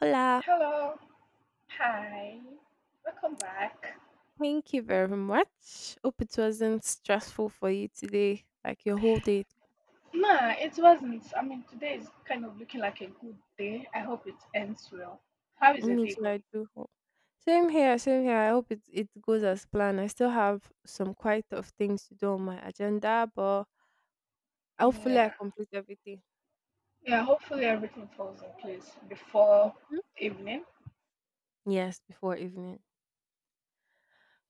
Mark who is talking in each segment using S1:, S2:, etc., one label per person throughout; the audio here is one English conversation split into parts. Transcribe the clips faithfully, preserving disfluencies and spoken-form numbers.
S1: Hola,
S2: Hello. Hi. Welcome back.
S1: thank you very much. Hope it wasn't stressful for you today, like your whole day.
S2: Nah, it wasn't. I mean, today is kind of looking like a good day. I hope it ends well. How is your
S1: Me
S2: day
S1: too, I
S2: going?
S1: do hope. Same here, same here. I hope it, it goes as planned. I still have some quite of things to do on my agenda, but hopefully I
S2: Yeah.
S1: complete everything.
S2: Yeah, hopefully everything falls in place before
S1: Mhm.
S2: evening.
S1: Yes, before evening.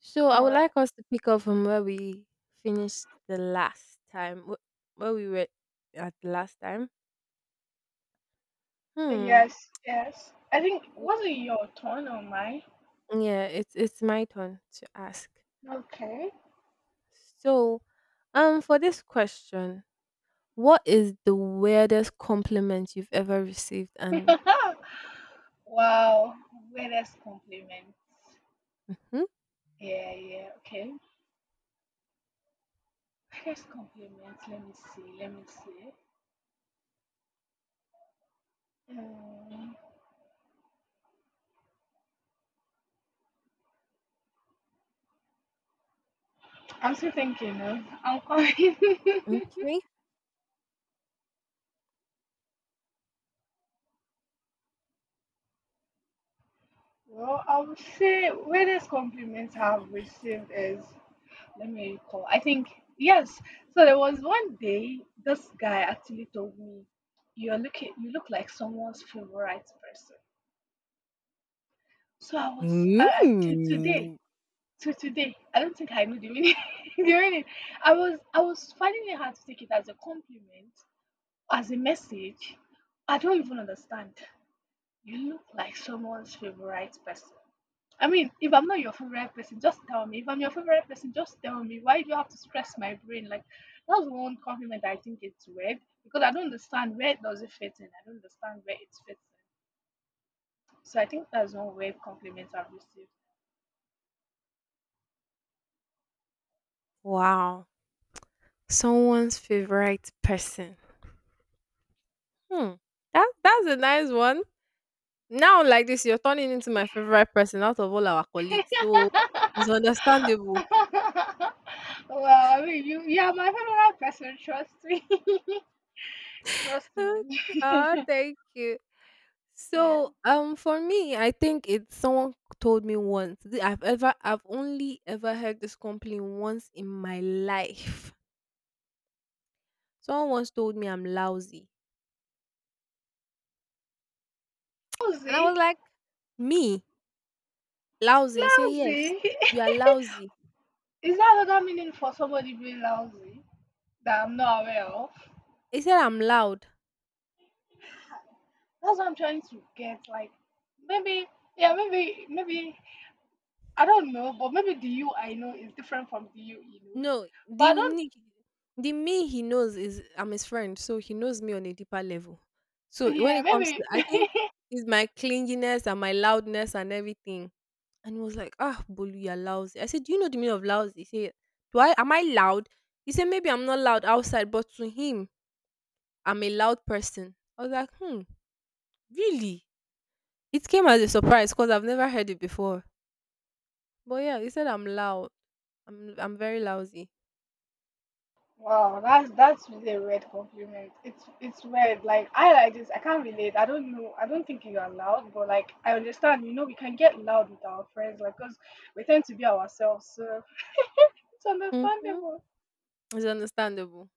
S1: So I
S2: All
S1: would
S2: right.
S1: like us to pick up from where we finished the last time, wh- where we were at the last time. Hmm.
S2: Yes, yes. I think,
S1: W-
S2: was it your turn or mine?
S1: Yeah, it's it's my turn to ask.
S2: Okay.
S1: So, Um, for this question, what is the weirdest compliment you've ever received? And
S2: Wow. Weirdest compliment.
S1: hmm,
S2: Yeah, yeah. Okay. Weirdest compliment. Let me see. Let me see. Mm, I'm still thinking. Uh, I'm coming.
S1: okay.
S2: Well, I would say weirdest compliments I've received is let me recall. I think yes. So there was one day this guy actually told me, "You're looking. You look like someone's favorite person." So I was I, I to today.
S1: Mm.
S2: To today, I don't think I knew the meaning. The meaning. I was I was finding it hard to take it as a compliment, as a message. I don't even understand. You look like someone's favorite person. I mean, if I'm not your favorite person, just tell me. If I'm your favorite person, just tell me. Why do you have to stress my brain? Like, that's one compliment I think it's weird because I don't understand where does it fit in. I don't understand where it fits in. So I think that's one weird compliment I've received.
S1: Wow, someone's favorite person. Hmm, that that's a nice one. Now, like this, you're turning into my favorite person out of all our colleagues, so it's understandable.
S2: Well, I mean, you you are my favorite person. Trust me. Trust
S1: Okay,
S2: me.
S1: ah, thank you.
S2: Yeah.
S1: So, um, for me, I think it's someone told me once. Th- I've ever, I've only ever heard this complaint once in my life. Someone once told me I'm lousy, and I was
S2: Lousy.
S1: like, "Me lousy?" He said, "Yes,
S2: Lousy.
S1: you are lousy."
S2: Is that another meaning for somebody being lousy? That I'm not aware of.
S1: He said, "I'm loud."
S2: That's what I'm trying to get. Like maybe yeah, maybe maybe I don't know, but maybe the you I know is different from the you he knows.
S1: No,
S2: But
S1: the
S2: I don't
S1: ni- the me he knows is I'm his friend, so he knows me on a deeper level. So when
S2: yeah,
S1: it comes
S2: maybe
S1: to, I think it's my clinginess and my loudness and everything. And he was like, ah, Bolu, you're lousy. I said, do you know the meaning of lousy? He said, do I, am I loud? He said, maybe I'm not loud outside, but to him, I'm a loud person. I was like, hmm, really? It came as a surprise because I've never heard it before. But yeah, he said, I'm loud. I'm, I'm very lousy.
S2: Wow, that's that's really a weird compliment. It's it's weird. Like I like this. I can't relate. I don't know. I don't think you are loud, but like I understand. You know, we can get loud with our friends, like because we tend to be ourselves. So it's
S1: Mm-hmm.
S2: understandable.
S1: It's understandable.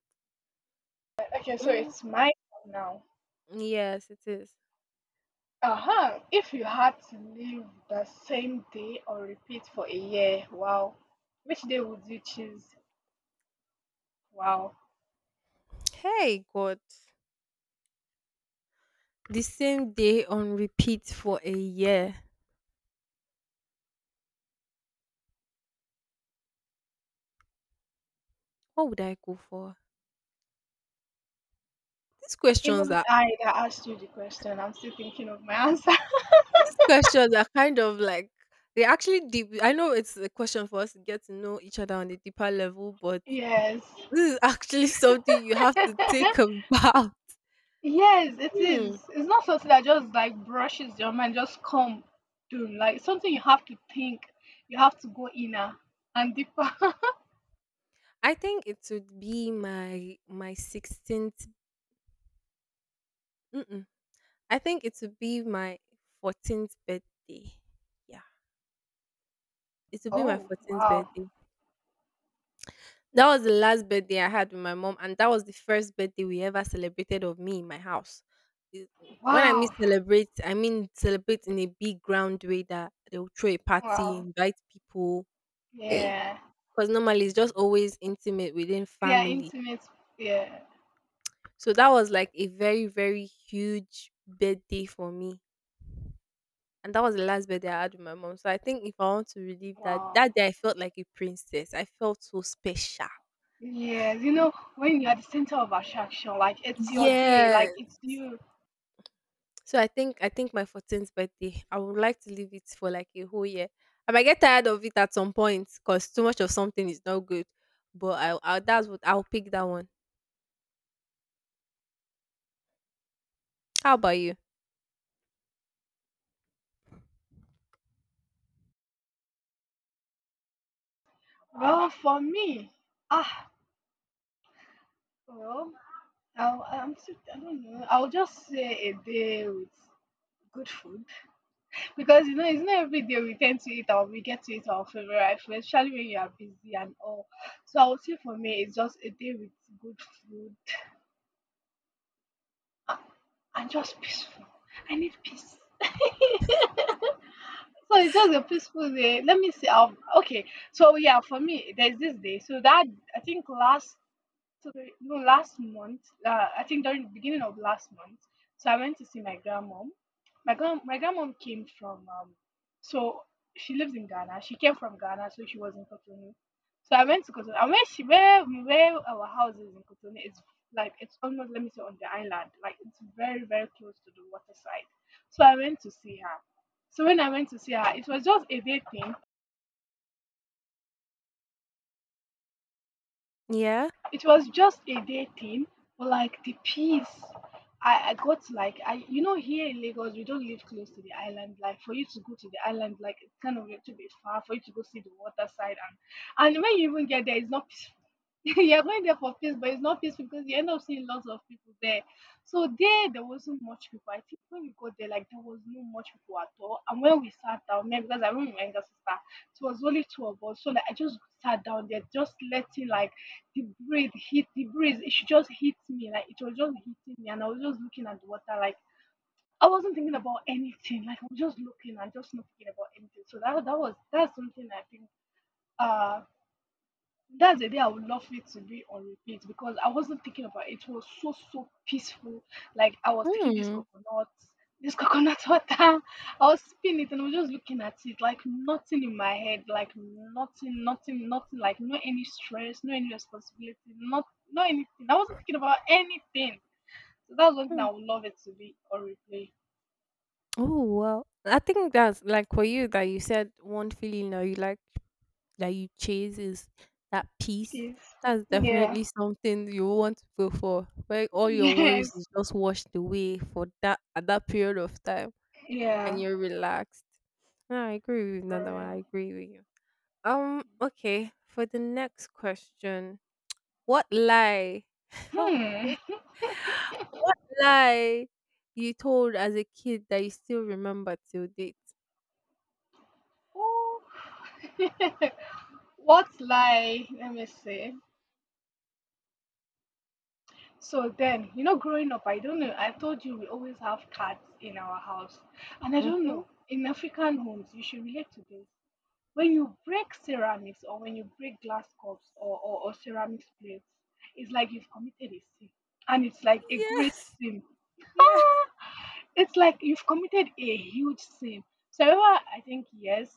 S2: Okay, so
S1: Mm,
S2: it's my turn now.
S1: yes, it is.
S2: Uh-huh. If you had to live the same day or repeat for a year, wow. Which day would you choose? Wow.
S1: Hey, God. The same day on repeat for a year. What would I go for? These
S2: Even
S1: questions are
S2: I that asked you the question, I'm still thinking of my answer.
S1: These questions are kind of like they actually deep. I know it's a question for us to get to know each other on a deeper level, but
S2: Yes.
S1: this is actually something you have to think about.
S2: Yes, it
S1: Hmm.
S2: is. It's not something that just like brushes your mind, just come doom. Like something you have to think. You have to go inner and deeper.
S1: I think it would be my my sixteenth. Mm-mm. I think it would be my fourteenth birthday. Yeah, it would be my
S2: Oh,
S1: fourteenth
S2: wow.
S1: birthday. That was the last birthday I had with my mom, and that was the first birthday we ever celebrated of me in my house. It- When I mean
S2: Wow.
S1: celebrate, I mean celebrate in a big ground way that they will throw a party,
S2: Wow.
S1: invite people,
S2: Yeah.
S1: because normally it's just always intimate within
S2: Yeah,
S1: family.
S2: intimate. Yeah.
S1: So that was like a very, very huge birthday for me. And that was the last birthday I had with my mom. So I think if I want to relive that,
S2: Wow.
S1: that day I felt like a princess. I felt so special.
S2: Yes, you know, when you're the center of attraction, like it's your day,
S1: Yeah.
S2: like it's you.
S1: So I think I think my fourteenth birthday, I would like to leave it for like a whole year. I might get tired of it at some point because too much of something is not good. But I, I that's what I'll pick that one. How about you?
S2: Well, for me, ah, well, I'll, I'm still, I don't know. I'll just say a day with good food because you know it's not every day we tend to eat or we get to eat our favorite food, especially when you are busy and all. So I would say for me, it's just a day with good food uh, and just peaceful. I need peace. So it's just a peaceful day. Let me see. Um, okay. So yeah, for me, there's this day. So that I think last so the no last month, uh, I think during the beginning of last month, so I went to see my grandmom. My grand my grandmom came from um, so she lives in Ghana. She came from Ghana, so she was in Cotonou. So I went to Cotonou, and where she where where our house is in Cotonou is like it's almost let me say on the island, like it's very very close to the water side. So I went to see her. So when I went to see her, it was just a day thing.
S1: Yeah.
S2: It was just a day thing, but like the peace. I, I got like I you know here in Lagos we don't live close to the island. Like for you to go to the island, like it's kind of a little bit far for you to go see the water side and and when you even get there, it's not peaceful. You're going there for peace, but it's not peaceful because you end up seeing lots of people there. So there, there wasn't much people. I think when we got there, like there was no much people at all. And when we sat down, maybe because I remember my younger sister, it was only two of us. So like I just sat down there, just letting like the breeze hit the breeze. She just hit me like it was just hitting me, and I was just looking at the water like I wasn't thinking about anything. Like I was just looking and just not thinking about anything. So that that was that's something I think uh that's the day I would love it to be on repeat because I wasn't thinking about it. It was so so peaceful. Like I was taking this
S1: Hmm.
S2: coconut, this coconut water. I was sipping it and I was just looking at it, like nothing in my head, like nothing, nothing, nothing, like no any stress, no any responsibility, not no anything. I wasn't thinking about anything. So that's one thing
S1: Hmm.
S2: I would love it to be on replay.
S1: Oh well, I think that's like for you that you said one feeling that you like that you chase is that peace.
S2: Peace.
S1: That's
S2: Yeah.
S1: definitely something you want to go for, where all your worries
S2: Yes.
S1: is just washed away for that at that period of time, and
S2: Yeah.
S1: you're relaxed. No, I agree with you. No,
S2: For
S1: no,
S2: real.
S1: I agree with you. Um, okay. For the next question, what lie?
S2: Hmm.
S1: Okay, what lie you told as a kid that you still remember till date?
S2: Ooh. What lie? Let me see. So then, you know, growing up, I don't know. I told you we always have cats in our house. And I don't
S1: Mm-hmm.
S2: know, in African homes, you should relate to this. When you break ceramics or when you break glass cups or, or, or ceramic plates, it's like you've committed a sin. And it's like a great
S1: Yes,
S2: sin.
S1: yes.
S2: It's like you've committed a huge sin. So I remember, I think, yes,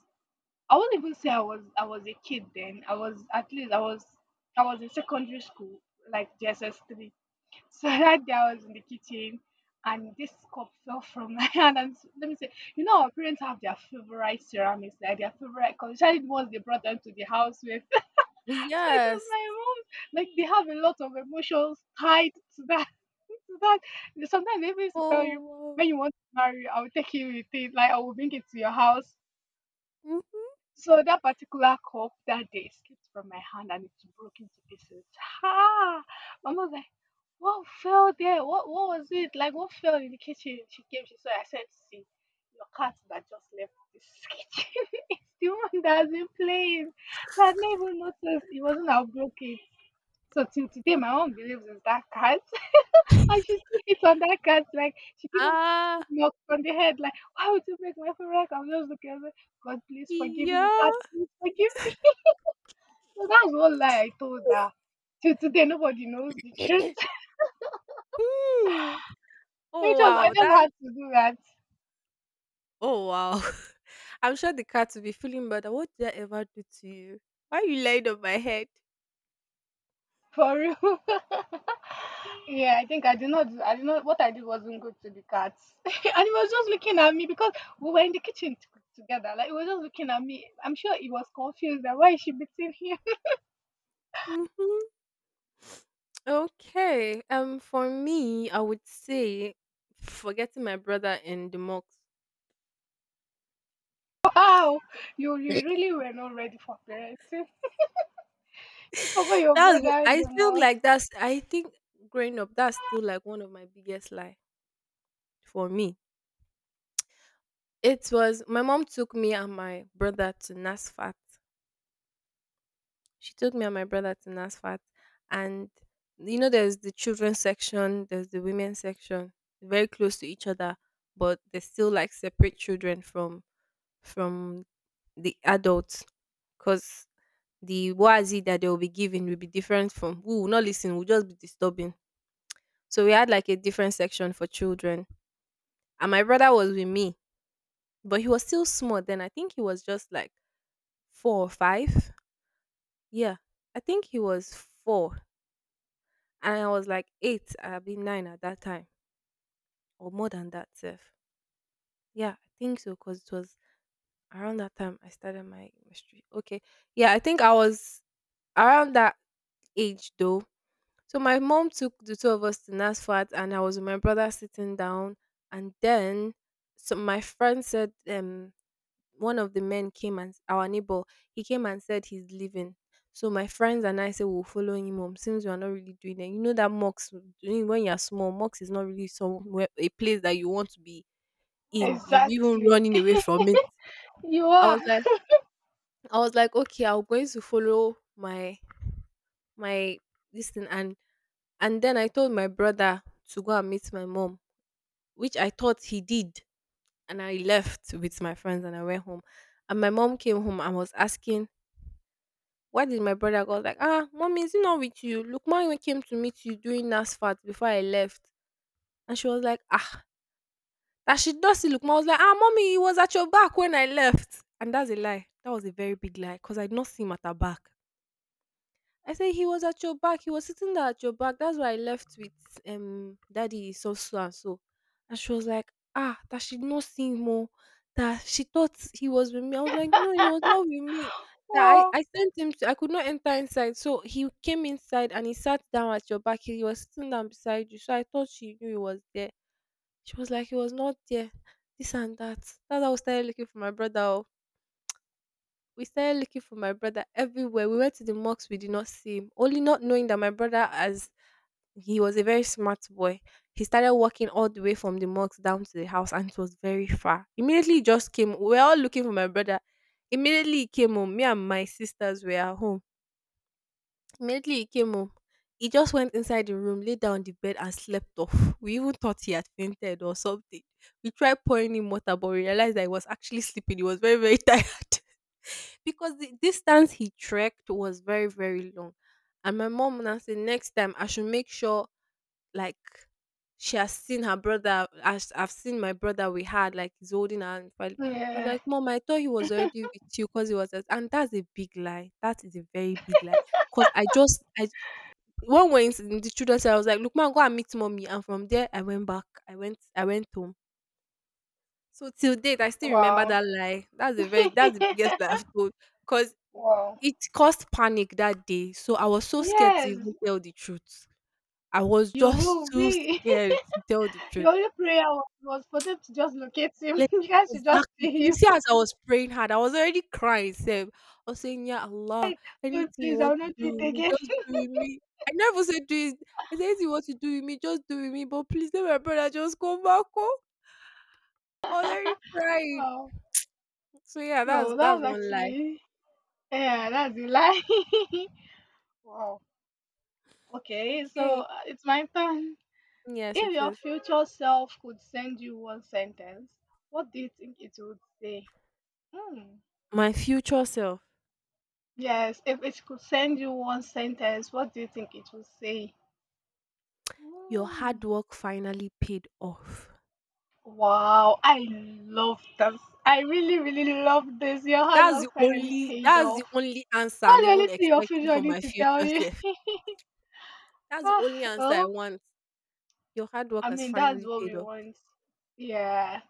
S2: I won't even say I was I was a kid then. I was at least I was I was in secondary school, like J S S three. So that day I was in the kitchen and this cup fell from my hand and s- let me say, you know our parents have their favorite ceramics, like their favorite color, especially the ones they brought them to the house with. So it was
S1: Yes.
S2: my mom. Like they have a lot of emotions tied to that to that. Sometimes they even used to tell you
S1: Oh. Wow.
S2: when you want to marry, I'll take you with it, like I will bring it to your house
S1: Mhm.
S2: so that particular cup that day slipped from my hand and it broke into pieces. Ha! Mama was like, what fell there? What what was it? Like what fell in the kitchen? She came, she saw it. I said, see, your cat that just left this kitchen. It's the one that has been playing. So I never noticed it wasn't how broke it. So till today my mom believes it's that cat. And she still hits on that cat, like, she give him
S1: Ah.
S2: knocks on the head, like, "Why would you make my favorite cat?" I'm just looking at her, "God, please forgive me.
S1: Yeah.
S2: God, please forgive me." So that was one lie I told her. Till today, nobody knows the truth.
S1: Hmm.
S2: It
S1: Oh
S2: was, I
S1: wow.
S2: just
S1: That's
S2: had to do that,
S1: Oh wow. I'm sure the cat will be feeling better. What did I ever do to you? Why you lying on my head?
S2: for real. Yeah, I think I did not. I did not. What I did wasn't good to the cat, and he was just looking at me because we were in the kitchen t- together. Like he was just looking at me. I'm sure he was confused that why is she beating him.
S1: Hmm. Okay. Um, for me, I would say forgetting my brother in the mocks.
S2: Wow, you, you really were not ready for parenting. You forgot your
S1: That's wh-
S2: brother in
S1: I
S2: the
S1: feel like
S2: mosque.
S1: that's I think growing up that's still like one of my biggest lie for me. It was my mom took me and my brother to NASFAT. She took me and my brother to NASFAT, and you know there's the children's section, there's the women's section, very close to each other, but they still like separate children from from the adults because the wazi that they will be giving will be different from we will not listen, we'll just be disturbing. So we had like a different section for children. And my brother was with me, but he was still small then. I think he was just like four or five. Yeah. I think he was four. And I was like eight, I'd be nine at that time. Or more than that, Seth. Yeah, I think so, because it was around that time I started my mystery. Okay. Yeah, I think I was around that age though. So my mom took the two of us to NASFAT, and I was with my brother sitting down. And then, so my friend said, um, one of the men came and our neighbor, he came and said he's leaving. So my friends and I said we'll follow him home since we are not really doing it. You know that Mox when when you are small, Mox is not really somewhere a place that you want to be in. You've even
S2: Exactly.
S1: running away from it.
S2: You
S1: I
S2: are.
S1: was like, I was like, okay, I'm going to follow my my this thing, and And then I told my brother to go and meet my mom, which I thought he did. And I left with my friends and I went home. And my mom came home and was asking, why did my brother go? I was like, Ah, mommy, is he not with you? Lukman even came to meet you during NASFAT before I left. And she was like, Ah, that she does see Lukman. I was like, Ah, mommy, he was at your back when I left. And that's a lie. That was a very big lie because I did not see him at her back. I said he was at your back. He was sitting there at your back. That's why I left with um daddy so so and so. And she was like, ah, that she not seen more. That she thought he was with me. I was like, no, it was not with me. That I,
S2: Wow.
S1: I sent him to, I could not enter inside. So he came inside and he sat down at your back. He was sitting down beside you. So I thought she knew he was there. She was like, he was not there. This and that. That's how I started looking for my brother. Oh. We started looking for my brother everywhere. We went to the mosques, we did not see him. Only not knowing that my brother, as he was a very smart boy, he started walking all the way from the mosque down to the house and it was very far. Immediately he just came. We were all looking for my brother. Immediately he came home. Me and my sisters were at home. Immediately he came home. He just went inside the room, lay down on the bed and slept off. We even thought he had fainted or something. We tried pouring him water but we realized that he was actually sleeping. He was very, very tired because the distance he trekked was very very long, and my mom now said next time I should make sure, like, she has seen her brother as I've seen my brother. We had like, he's holding her hand. I was
S2: Yeah.
S1: like, mom, I thought he was already with you because he was at-" and that's a big lie. That is a very big lie, because I just I one way in the children's cell, I was like, look man, go and meet mommy, and from there I went back. i went I went home. So till date, I still remember
S2: Wow.
S1: that lie. That's the very that's the biggest lie I've told. Cause
S2: Wow.
S1: it caused panic that day. So I was so scared to
S2: Yes,
S1: even tell the truth. I was
S2: you
S1: just
S2: will
S1: too
S2: be.
S1: scared to tell the truth.
S2: Your only prayer was, was for them to just locate him.
S1: Like
S2: You guys should just
S1: exactly.
S2: see
S1: You
S2: him.
S1: see, as I was praying hard, I was already crying. Seb. I was saying, yeah, Allah,
S2: Dude,
S1: anything you
S2: please, I
S1: want
S2: will
S1: to
S2: not do
S1: do
S2: it
S1: with me,
S2: again.
S1: just do with me. I never said do it. I said anything you want to do with me, just do with me. But please let my brother just come back home. I was already crying.
S2: Wow.
S1: So yeah, that's
S2: Oh, that
S1: that's
S2: was
S1: one lie.
S2: actually. Yeah, that's a lie. Wow. Okay, so
S1: Okay.
S2: uh, it's my turn.
S1: Yes, it
S2: If your
S1: is.
S2: future self could send you one sentence, what do you think it would say? Hmm.
S1: My future self,
S2: Yes, if it could send you one sentence, what do you think it would say?
S1: your hard
S2: Hmm.
S1: work finally paid off.
S2: Wow, I love this. I really, really love this. Your hard
S1: That's the
S2: work finally
S1: only
S2: paid
S1: that's the
S2: off.
S1: only answer I'm
S2: What's the
S1: even
S2: only thing your
S1: expecting
S2: future
S1: for
S2: need
S1: my
S2: to tell
S1: future
S2: you.
S1: self. That's the
S2: Ah,
S1: only answer I
S2: well,
S1: want. Your hard work
S2: I
S1: has
S2: mean, that's
S1: finally
S2: what
S1: paid
S2: we
S1: off.
S2: want. Yeah.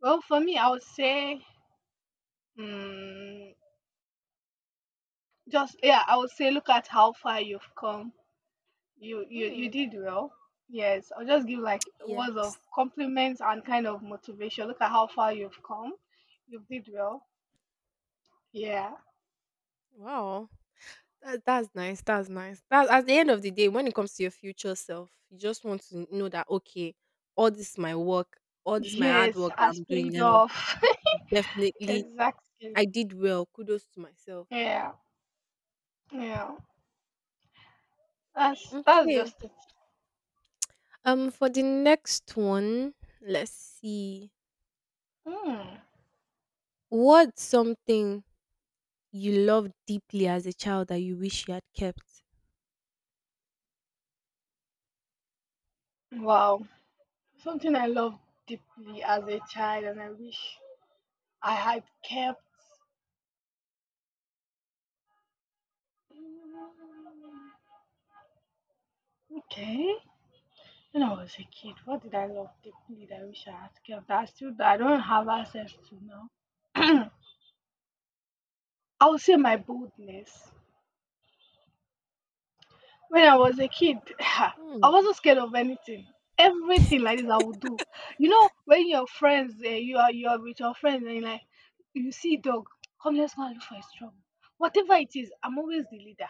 S2: Well, for me, I would say, hmm, just, yeah, I would say, look at how far you've come. You you you
S1: Mm.
S2: did well. Yes, I'll just give like words
S1: Yes.
S2: of compliments and kind of motivation. Look at how far you've come. You did well. Yeah.
S1: Wow. That, that's nice. That's nice. That's at the end of the day, when it comes to your future self, you just want to know that, okay, all this my work, all this my hard
S2: Yes,
S1: work that
S2: has
S1: I'm doing
S2: paid
S1: now.
S2: off.
S1: Definitely
S2: Exactly.
S1: I did well. Kudos to myself.
S2: Yeah. Yeah. That's that's
S1: Okay.
S2: just it.
S1: Um, for the next one, let's see.
S2: Hmm.
S1: What's something you loved deeply as a child that you wish you had kept?
S2: Wow. Something I loved deeply as a child and I wish I had kept. Mm, Okay. When I was a kid, what did I love deeply that I wish I had kept? that I still I don't have access to now? I will say my boldness. When I was a kid, I
S1: Hmm.
S2: wasn't scared of anything. Everything like this, I would do. You know, when your friends, eh, you are you are with your friends, and you're like you see dog, come let's go and look for his trouble. Whatever it is, I'm always the leader.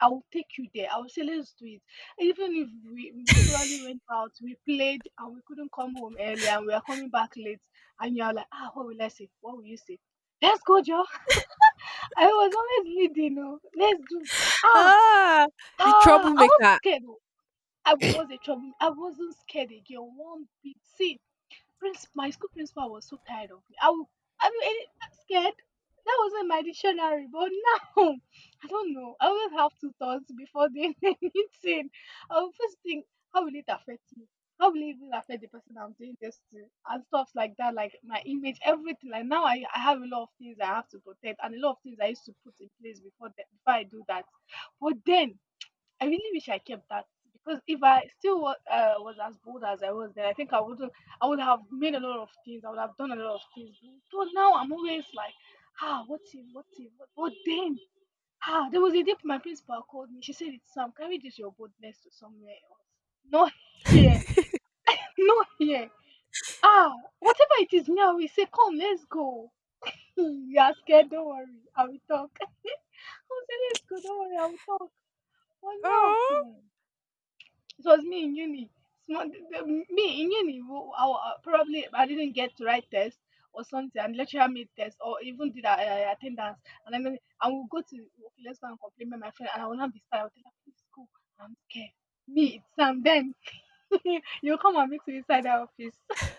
S2: I will take you there. I will say, let's do it. Even if we, we probably went out, we played, and we couldn't come home early, and we are coming back late, and you're like, ah, what will I say? What will you say? Let's go, Joe. I was always leading. Oh, let's do. Ah,
S1: Ah, the
S2: ah, I wasn't
S1: troublemaker.
S2: scared. Oh. I was a trouble. I wasn't scared again. One bit. See, Prince, my school principal was so tired of me. I, w- I mean, any- I'm scared. That wasn't my dictionary, but now. I don't know. I always have two thoughts before doing anything. I will first think, how will it affect me? How will it even affect the person I'm doing this to? And stuff like that, like my image, everything. Like now, I, I have a lot of things I have to protect, and a lot of things I used to put in place before that, before I do that. But then I really wish I kept that because if I still wa- uh, was as bold as I was then, I think I wouldn't. I would have made a lot of things. I would have done a lot of things. But now I'm always like, ah, what if, what if, what? But then, ah, there was a day my principal called me. She said, "It's Sam. Can we this your boldness to somewhere else. Not here. Not here." Ah, whatever it is now, we say, come, let's go. You are scared. Don't worry. I will talk. I will say, let's go. Don't worry. I will talk. But now,
S1: Oh,
S2: hmm. It was me in uni. Small, the- me in uni, who- I, wa- probably I didn't get to write test or something, and lecturer made test or even did our uh, attendance. And then I will go to, okay, let's go and complain with my friend, and I will not be scared. I will tell her, please go. I'm scared. Me, it's Sam. Then you come and meet me inside the office.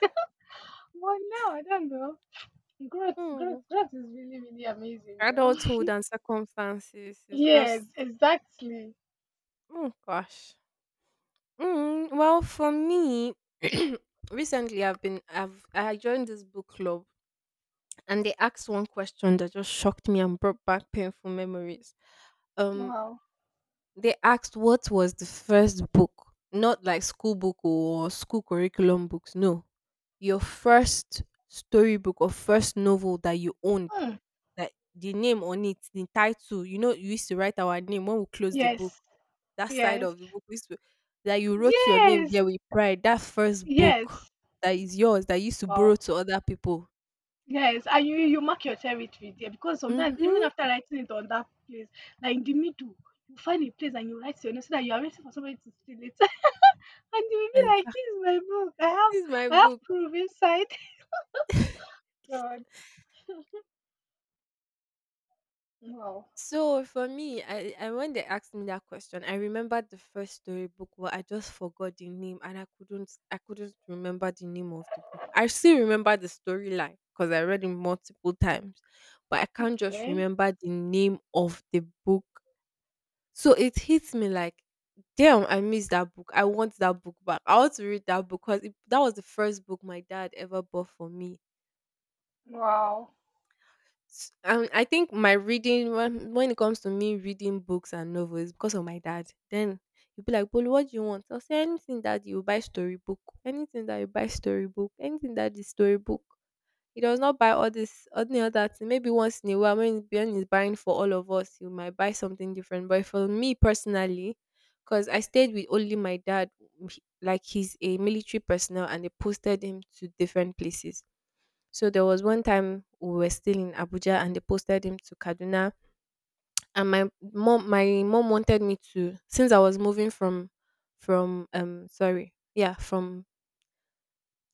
S2: But now, I don't know. Growth, growth,
S1: hmm.
S2: growth is really, really amazing, though.
S1: Adulthood and circumstances is just,
S2: Yes, exactly.
S1: oh gosh. Mm, well, for me, recently I've been I've I joined this book club and they asked one question that just shocked me and brought back painful memories. Um,
S2: Wow.
S1: they asked what was the first book, not like school book or school curriculum books. No, your first storybook or first novel that you owned,
S2: Mm.
S1: that the name on it, the title. You know, you used to write our name when we close the book.
S2: Yes,
S1: That side
S2: yes,
S1: of the book, we used to, that you wrote your name
S2: yes,
S1: there with pride. That first book
S2: yes.
S1: that is yours that you used to borrow
S2: Wow.
S1: to other people.
S2: Yes, and you you mark your territory there because sometimes even
S1: Mm-hmm.
S2: after writing it on that place, like in the middle, you find a place and you write your name so that you are waiting for somebody to steal it. And you will be like,
S1: Exactly.
S2: "This is my book. I have
S1: This is my
S2: I have
S1: book.
S2: proof inside." God. Wow.
S1: So for me, I, I when they asked me that question, I remembered the first storybook, but I just forgot the name and I couldn't I couldn't remember the name of the book. I still remember the storyline because I read it multiple times, but I can't just
S2: Okay.
S1: remember the name of the book. So it hits me like, damn, I miss that book. I want that book back. I want to read that book because that was the first book my dad ever bought for me.
S2: Wow.
S1: S- Um, I think my reading, when when it comes to me reading books and novels, because of my dad. Then you be like, "Bolu, what do you want?" I'll say anything that you buy storybook, anything that you buy storybook, anything that is storybook. He does not buy all this, all the other thing. Maybe once in a while, when Ben is buying for all of us, you might buy something different. But for me personally, because I stayed with only my dad, he- like he's a military personnel, and they posted him to different places. So there was one time we were still in Abuja and they posted him to Kaduna, and my mom my mom wanted me to, since I was moving from from um sorry, yeah, from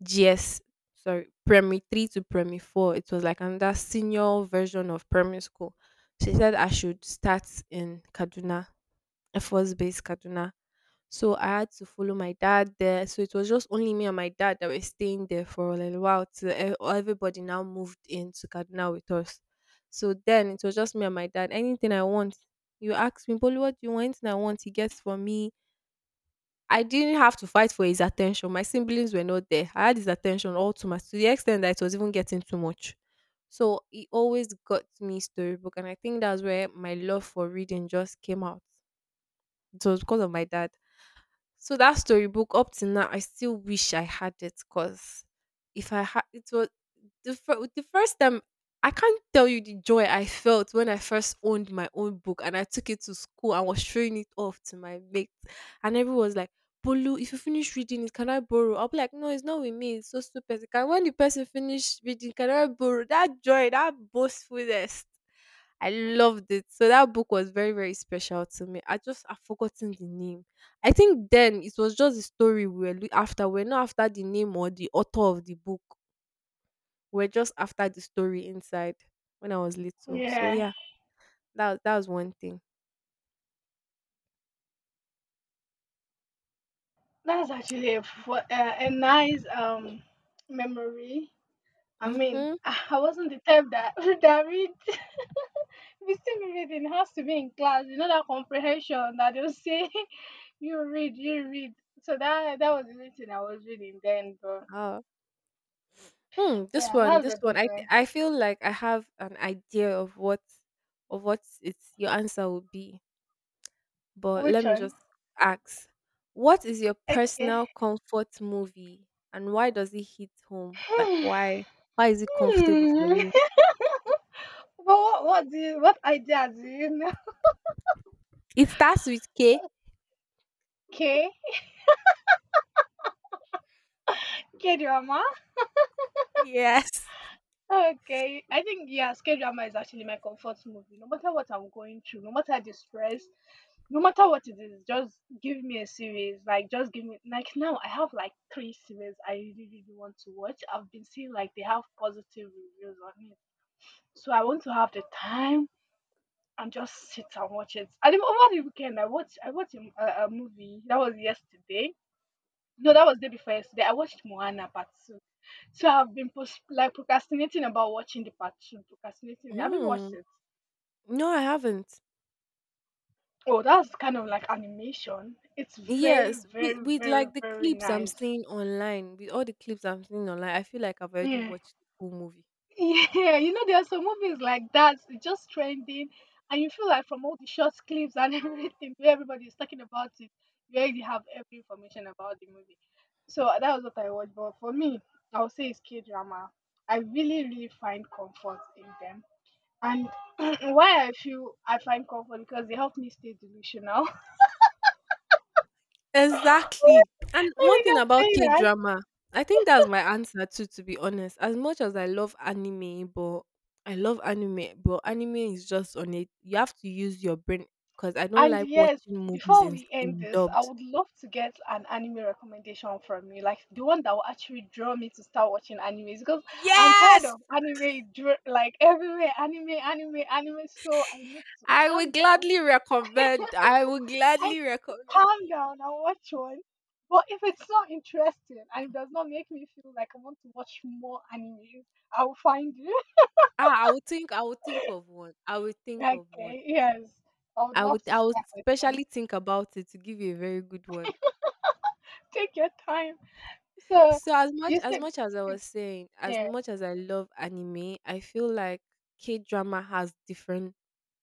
S1: G S, sorry, primary three to primary four. It was like another senior version of primary school. She said I should start in Kaduna, Air Force Base Kaduna. So I had to follow my dad there. So it was just only me and my dad that were staying there for a little while till e- everybody now moved into Kaduna with us. So then it was just me and my dad. Anything I want, you ask me, Bolu, what do you want? Anything I want, he gets for me. I didn't have to fight for his attention. My siblings were not there. I had his attention all too much to the extent that it was even getting too much. So he always got me storybook, and I think that's where my love for reading just came out. It was because of my dad. So that storybook, up till now, I still wish I had it, because if I had it, was the, fir- the first time, I can't tell you the joy I felt when I first owned my own book and I took it to school and was showing it off to my mates, and everyone was like, Bolu, if you finish reading it, can I borrow? I'll be like, no, it's not with me. It's so stupid. Can, when the person finish reading, can I borrow? That joy, that boastfulness. I loved it. So that book was very, very special to me. I just, I've forgotten the name. I think then it was just the story we were loo- after. We're not after the name or the author of the book. We're just after the story inside when I was little. So
S2: Yeah.
S1: yeah, that, that was one thing.
S2: That's actually a, fu- uh, a nice um memory. I mean,
S1: Mm-hmm.
S2: I I wasn't the type that that read. We still be reading. It has to be in class. You know that comprehension that they'll say. You read, you read. So that that was the only thing I was reading then, but
S1: Uh, hmm. This
S2: yeah,
S1: one,
S2: that's
S1: this
S2: a
S1: one.
S2: good
S1: I
S2: one.
S1: I feel like I have an idea of what, of what it's your answer would be. But let
S2: Which
S1: me
S2: one?
S1: just ask: What is your
S2: Okay.
S1: personal comfort movie, and why does it hit home? Like
S2: Hmm.
S1: why why is it comfortable for
S2: Hmm.
S1: you?
S2: But what what do you, what ideas do you know?
S1: It starts with K.
S2: Okay. K drama.
S1: Yes.
S2: Okay. I think yes, K drama is actually my comfort movie. No matter what I'm going through, no matter the stress, no matter what it is, just give me a series. Like just give me like now I have like three series I really really want to watch. I've been seeing like they have positive reviews on it. So I want to have the time and just sit and watch it. And even over the weekend, I watched I watched a a a movie that was yesterday. No, that was the day before yesterday. I watched Moana Part Two. So I've been post- like procrastinating about watching the Part Two. Procrastinating. Have you watched
S1: Mm.
S2: it?
S1: No, I haven't.
S2: Oh, that's kind of like animation. It's very,
S1: Yes, with,
S2: very,
S1: with
S2: very,
S1: like the
S2: very
S1: clips I'm
S2: nice.
S1: seeing online, with all the clips I'm seeing online, I feel like I've already
S2: Yeah.
S1: watched the whole movie.
S2: Yeah, you know, there are some movies like that, it's just trending, and you feel like from all the short clips and everything, where everybody is talking about it, you already have every information about the movie. So that was what I watched. But for me, I would say it's K drama. I really, really find comfort in them. And why I feel I find comfort because they help me stay delusional.
S1: Exactly. And
S2: Let
S1: one
S2: me
S1: thing
S2: just
S1: about
S2: say
S1: K
S2: that.
S1: drama, I think that's my answer too, to be honest. As much as I love anime, but I love anime, but anime is just on it. You have to use your brain because I don't
S2: And
S1: like
S2: yes,
S1: watching movies
S2: before
S1: in,
S2: we end
S1: in
S2: this, I
S1: dubs.
S2: would love to get an anime recommendation from you, like the one that will actually draw me to start watching animes because I'm tired
S1: Yes.
S2: of anime, dr- like everywhere, anime, anime, anime. So I need to
S1: I would
S2: calm down.
S1: gladly recommend. I would
S2: I
S1: gladly recommend.
S2: calm down and watch one. But if it's not interesting and it does not make me feel like I want to watch more animes, I will find you.
S1: Ah, I would think, I would think of one. I would think of one.
S2: Okay, yes. I would
S1: I
S2: love
S1: would
S2: to
S1: I would
S2: start with one.
S1: specially think about it to give you a very good one.
S2: Take your time. So
S1: So as much,
S2: you
S1: as
S2: said
S1: much as I
S2: it's
S1: was saying, as
S2: yeah.
S1: much as I love anime, I feel like K drama has different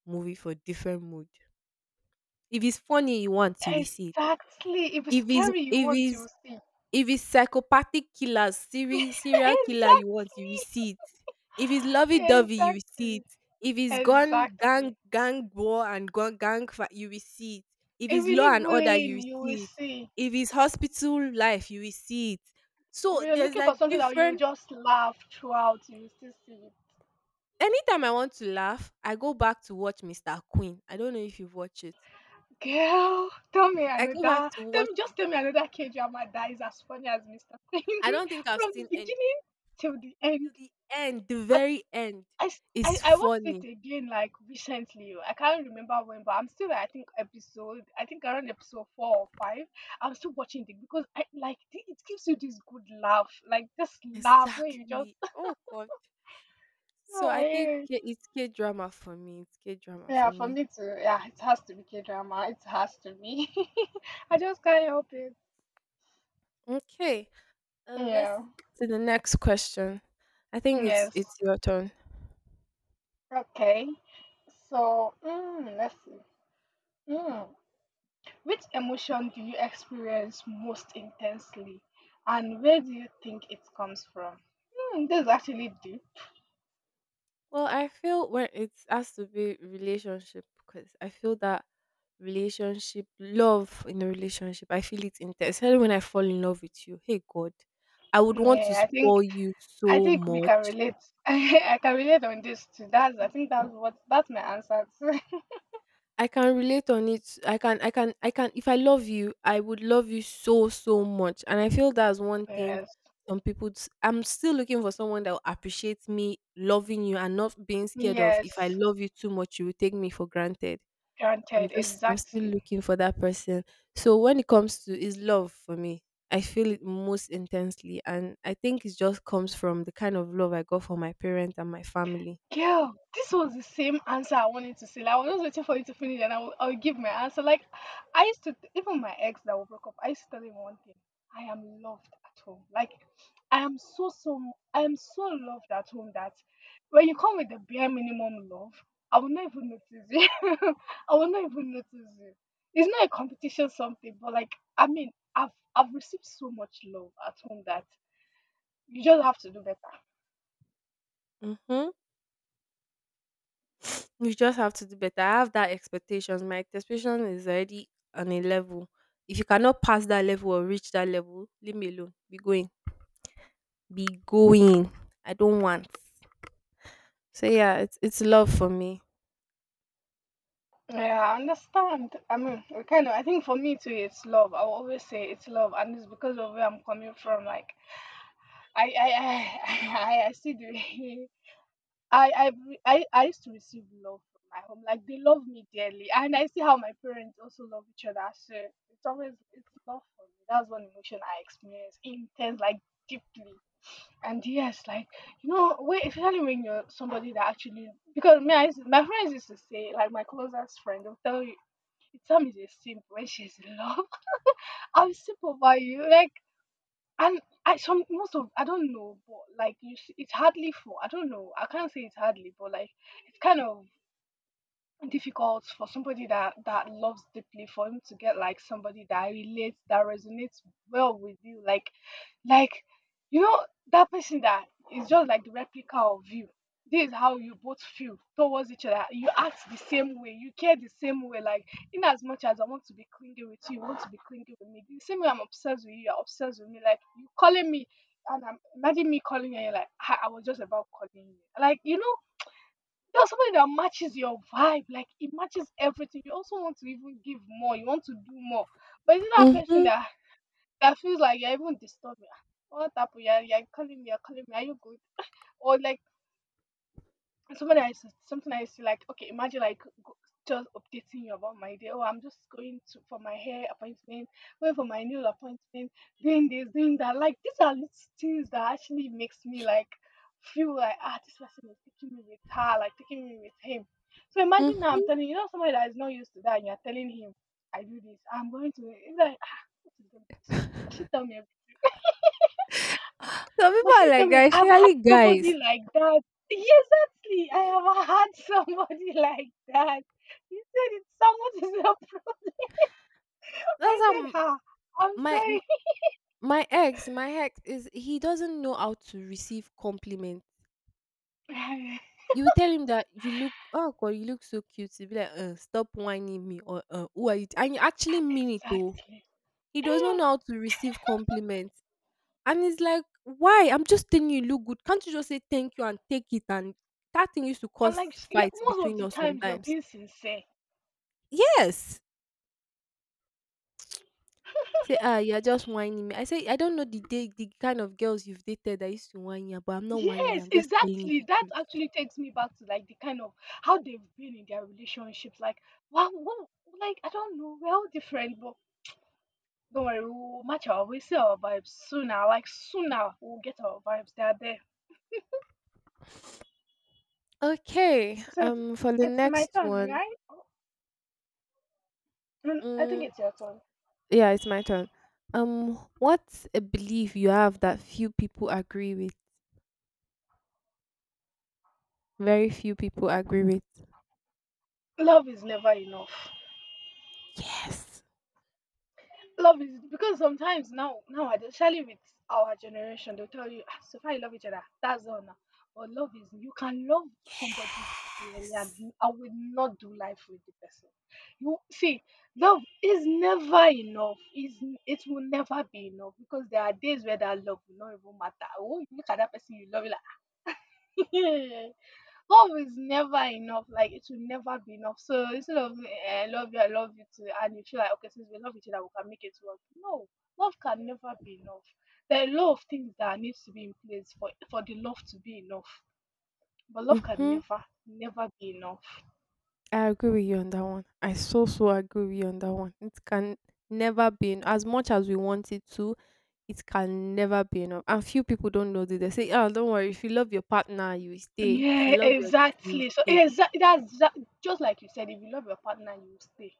S1: movie for different mood. If it's funny you want, you will see it.
S2: Exactly. If it's
S1: If it's
S2: scary, you
S1: if
S2: want
S1: it's
S2: to see.
S1: if it's psychopathic killers, seri serial killer you want,
S2: Exactly.
S1: you will see it. If it's lovey-dovey, you will see
S2: Exactly.
S1: it. If it's gun gang
S2: Exactly.
S1: gang war and gun gang fight, you will see it. If
S2: If
S1: it's
S2: you
S1: law
S2: need
S1: and order, you
S2: bullying,
S1: will
S2: you will
S1: see it.
S2: see.
S1: If it's hospital life, you will see it.
S2: If
S1: So
S2: you're
S1: there's
S2: looking for
S1: like
S2: something that you
S1: different,
S2: just laugh throughout, you will still see it.
S1: anytime I want to laugh, I go back to watch Mister Queen. I don't know if you've watched it.
S2: Girl, tell me
S1: I
S2: another.
S1: go back to
S2: Tell
S1: watch
S2: me,
S1: it.
S2: just tell me another K drama that is as funny as Mister Queen.
S1: I don't think I've
S2: From the
S1: seen any.
S2: beginning till the end.
S1: To the end, the very end
S2: I s- I
S1: is
S2: I watched it
S1: funny.
S2: again like recently. Oh, I can't remember when, but I'm still at, I think episode I think around episode four or five. I'm still watching it because I like the- it gives you this good laugh, like this laugh where you just
S1: Exactly. Oh God. So
S2: oh
S1: I
S2: I
S1: think
S2: hear it.
S1: K-, it's K drama for me. It's K drama
S2: Yeah.
S1: for
S2: For
S1: me.
S2: me too, yeah, it has to be K drama. It has to be. I just can't help it.
S1: Okay. Um, let's
S2: Yeah.
S1: to the next question. I think it's
S2: Yes.
S1: it's your turn.
S2: Okay. So mm, let's see. Mm. Which emotion do you experience most intensely, and where do you think it comes from? Hmm, this is actually deep.
S1: Well, I feel when it has to be relationship, because I feel that relationship, love in a relationship, I feel it's intense. Especially when I fall in love with you. Hey God, I would want to
S2: Yeah, I think
S1: spoil you
S2: I
S1: so
S2: think we can
S1: much.
S2: relate. I can relate on this too. That's I think that's what that's my answer too.
S1: I can relate on it. I can I can I can if I love you, I would love you so, so much. And I feel that's one thing,
S2: Yes,
S1: some people s- I'm still looking for someone that will appreciate me loving you and not being scared of, if I
S2: yes,
S1: love you too much, you will take me for granted. I'm
S2: granted,
S1: just I'm still
S2: exactly.
S1: looking for that person. So when it comes to, is love for me, I feel it most intensely, and I think it just comes from the kind of love I got from my parents and my family.
S2: Girl, this was the same answer I wanted to say. Like, I was just waiting for you to finish and I will, I'll give my answer. Like, I used to, even my ex that we broke up, I used to tell him one thing: I am loved at home. Like, I am so, so, I am so loved at home that when you come with the bare minimum love, I will not even notice you. I will not even notice you. It's not a competition, something, but like, I mean, I've, I've received so much love at home that you just have to do better.
S1: Mhm. You just have to do better. I have that expectations. My expectation is already on a level. If you cannot pass that level or reach that level, leave me alone. Be going. Be going. I don't want. So yeah, it's it's love for me.
S2: Yeah, I understand. I mean, we kind of, I think for me too, it's love. I will always say it's love, and it's because of where I'm coming from. Like, I, I, I, I, I see the, way I, I, re- I, I used to receive love from my home. Like, they love me dearly, and I see how my parents also love each other. So it's always it's love for me. That's one emotion I experience intense, like deeply. And yes, like you know, when, especially when you're somebody that actually because me, I, used- my friends used to say, like my closest friend, they'll tell you the term is a simp when she's in love. I am simp over you. Like, and I some most of, I don't know, but like you s- it's hardly for, I don't know. I can't say it's hardly, but like it's kind of difficult for somebody that that loves deeply for him to get like somebody that relates that resonates well with you, like like you know, that person that is just like the replica of you. This is how you both feel towards each other, you act the same way, you care the same way. Like, in as much as I want to be clingy with you, you want to be clingy with me the same way. I'm obsessed with you, you're obsessed with me. Like, you calling me and I'm imagine me calling you and you're like, "Ah, I was just about calling you." Like, you know, you're somebody that matches your vibe, like it matches everything. You also want to even give more, you want to do more. But is it that person
S1: Mm-hmm.
S2: that that feels like you're even disturbing? "Ah, what happened? You're, you're calling me, you're calling me, are you good?" Or like, and somebody I used to, something I used to like, okay, imagine like go, just updating you about my day. Oh, I'm just going to for my hair appointment, going for my nail appointment, doing this, doing that. Like these are little things that actually makes me like feel like ah, this person is taking me with her, like taking me with him. So imagine now I'm
S1: Mm-hmm.
S2: telling you, you know somebody that is not used to that, and you're telling him, I do this, I'm going to. It's like ah, what is going to be so? Must she tell me Ah,
S1: Some people
S2: must
S1: are
S2: you tell
S1: like
S2: me?
S1: that,
S2: I've had
S1: especially
S2: somebody
S1: guys.
S2: like that. Yes, actually, I have had somebody like that. He said it's someone is a pro.
S1: That's
S2: I
S1: how
S2: said,
S1: m-
S2: ha, I'm
S1: my m-
S2: sorry.
S1: my ex, my ex, is he doesn't know how to receive compliments. You will tell him that you look, oh god, you look so cute. He'll be like, uh, stop whining me, or uh, who are you? T-" And you actually mean it though.
S2: Exactly.
S1: He does not
S2: Eh,
S1: know how to receive compliments. And it's like, why? I'm just telling you, you look good. Can't you just say thank you and take it? And that thing used to
S2: and
S1: cause
S2: like, s- yeah,
S1: fights
S2: most of
S1: between
S2: the
S1: us
S2: times you're
S1: sometimes.
S2: being sincere.
S1: Yes. Say, ah, you're just whining me. I say, I don't know the day, the kind of girls you've dated that used to whine you, but I'm not whining you.
S2: Yes,
S1: I'm just telling you
S2: exactly.
S1: the
S2: That
S1: truth.
S2: actually takes me back to like the kind of how they've been in their relationships. Like, wow, wow, like I don't know, we're all different, but don't worry, we will match our we see our vibes sooner. Like sooner, we'll get our vibes. They are there.
S1: Okay.
S2: So it's,
S1: Um, for the
S2: it's my
S1: next
S2: turn,
S1: one,
S2: right? Mm, I think
S1: mm,
S2: it's your turn.
S1: yeah, it's my turn. Um, what's a belief you have that few people agree with? Very few people agree with.
S2: Love is never enough.
S1: Yes.
S2: Love is because sometimes now now especially with our generation, they'll tell you, ah, so far you love each other. That's all now. But love is you can love somebody dearly and
S1: Yes.
S2: you- I will not do life with the person. You see, love is never enough. Is it will never be enough because there are days where that love will not even matter. Oh, you look at that person you love, you're like love is never enough, like it will never be enough. So instead of eh, I love you, I love you too, and you feel like okay, since we love each other, we can make it work. No, love can never be enough. There are a lot of things that needs to be in place for for the love to be enough. But love can
S1: Mhm.
S2: never, never be enough.
S1: I agree with you on that one. I so, so agree with you on that one. It can never be en- as much as we want it to. It can never be enough. And few people don't know this. They say, "Oh, don't worry. If you love your partner, you will stay. If you
S2: Yeah,
S1: love your, you
S2: exactly. So
S1: stay."
S2: exactly that's that, just like you said, if you love your partner, you will stay.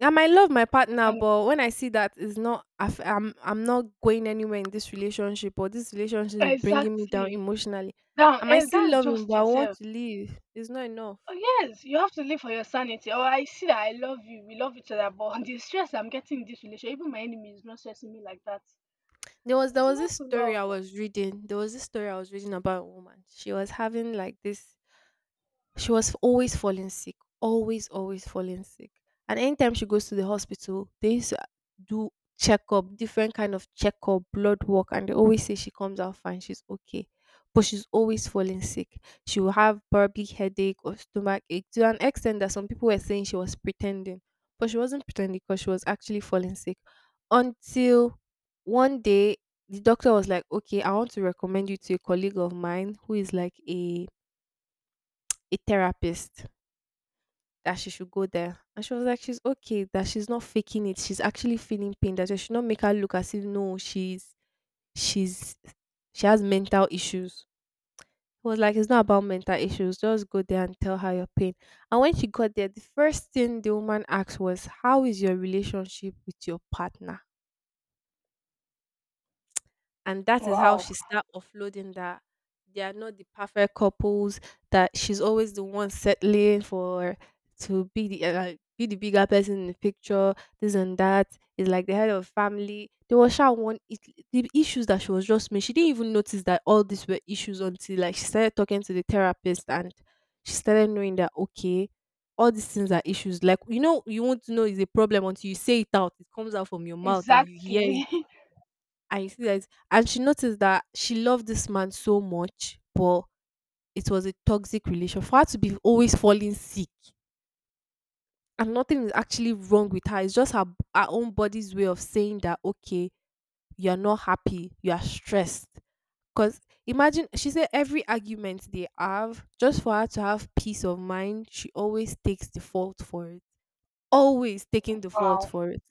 S1: I might love my partner,
S2: And
S1: but when I see that it's not, I f- I'm I'm not going anywhere in this relationship, or this relationship is bringing me down
S2: exactly.
S1: emotionally.
S2: Now,
S1: I might
S2: and
S1: still
S2: that's
S1: love him, but
S2: just
S1: I want
S2: it.
S1: to leave. It's not enough.
S2: Oh yes, you have to live for your sanity. Oh, I see that I love you. We love each other, but the stress I'm getting in this relationship, even my enemy is not stressing me like that.
S1: there was there
S2: It's
S1: was this
S2: not
S1: story
S2: love.
S1: I was reading. There was this story I was reading about a woman. She was having like this, she was always falling sick, always, always falling sick. And anytime she goes to the hospital, they used to uh, do checkup, different kind of checkup, blood work, and they always say she comes out fine, she's okay. But she's always falling sick. She will have probably headache or stomach ache to an extent that some people were saying she was pretending. But she wasn't pretending because she was actually falling sick. Until one day, the doctor was like, okay, I want to recommend you to a colleague of mine who is like a a therapist, that she should go there. And she was like, she's okay, that she's not faking it. She's actually feeling pain. That I should not make her look as if no, she's she's she has mental issues. It was like, it's not about mental issues. Just go there and tell her your pain. And when she got there, the first thing the woman asked was, "How is your relationship with your partner?" And that is how
S2: Wow.
S1: she start offloading that they are not the perfect couples, that she's always the one settling for, to be the uh, like, be the bigger person in the picture, this and that. Is like the head of family. There was sha one it, the issues that she was just making. She didn't even notice that all these were issues until like she started talking to the therapist, and she started knowing that, okay, all these things are issues. Like, you know, you want to know is a problem until you say it out. It comes out from your mouth and you hear it.
S2: Exactly.
S1: I see that. And she noticed that she loved this man so much, but it was a toxic relation. For her to be always falling sick and nothing is actually wrong with her, it's just her, her own body's way of saying that, okay, you're not happy, you are stressed. Because imagine, she said every argument they have, just for her to have peace of mind, she always takes the fault for it. Always taking the fault
S2: Wow.
S1: for it.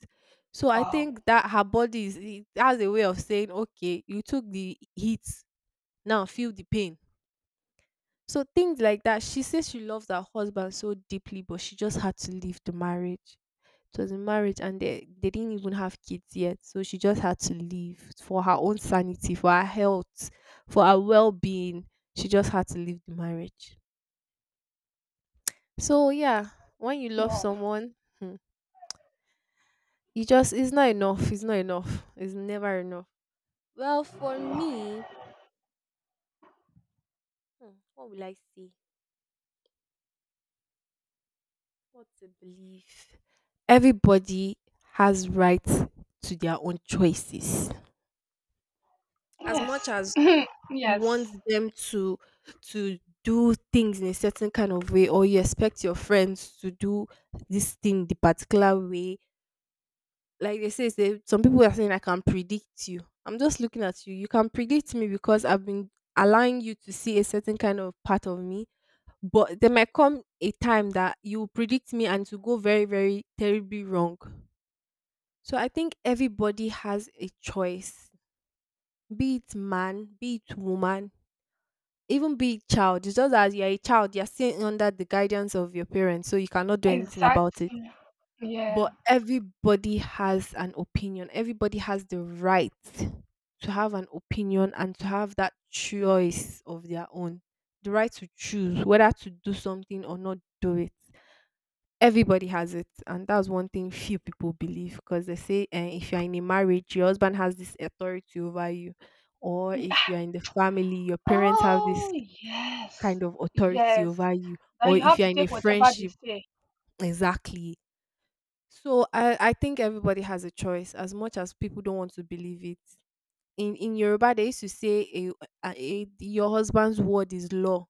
S1: So I
S2: Wow.
S1: think that her body is, it has a way of saying, okay, you took the heat, now feel the pain. So things like that, she says she loves her husband so deeply, but she just had to leave the marriage. It was a marriage, and they, they didn't even have kids yet. So she just had to leave for her own sanity, for her health, for her well-being. She just had to leave the marriage. So yeah, when you love
S2: Wow.
S1: someone, hmm, you just, it's not enough, it's not enough, it's never enough. Well, for me, hmm, what will I say? What a belief? Everybody has right to their own choices. As much
S2: Yes.
S1: as you want
S2: Yes.
S1: them to to do things in a certain kind of way, or you expect your friends to do this thing the particular way, like they say, say some people are saying I can predict you. I'm just looking at you. You can predict me because I've been allowing you to see a certain kind of part of me, but there might come a time that you will predict me and to go very, very terribly wrong. So I think everybody has a choice, be it man, be it woman, even be it child. It's just as you're a child, you're sitting under the guidance of your parents, so you cannot do anything about it.
S2: Exactly. Yeah.
S1: But everybody has an opinion. Everybody has the right to have an opinion and to have that choice of their own. The right to choose whether to do something or not do it, everybody has it. And that's one thing few people believe, because they say, uh, if you're in a marriage, your husband has this authority over you, or if
S2: Yeah.
S1: you're in the family, your parents have this
S2: Oh yes.
S1: kind of authority
S2: Yes.
S1: over you,
S2: Now
S1: or
S2: you
S1: if
S2: have
S1: you're
S2: to
S1: in a
S2: take whatever they
S1: friendship.
S2: say.
S1: Exactly. So i i think everybody has a choice, as much as people don't want to believe it. In in Yoruba, they used to say, a, a, a- your husband's word is law.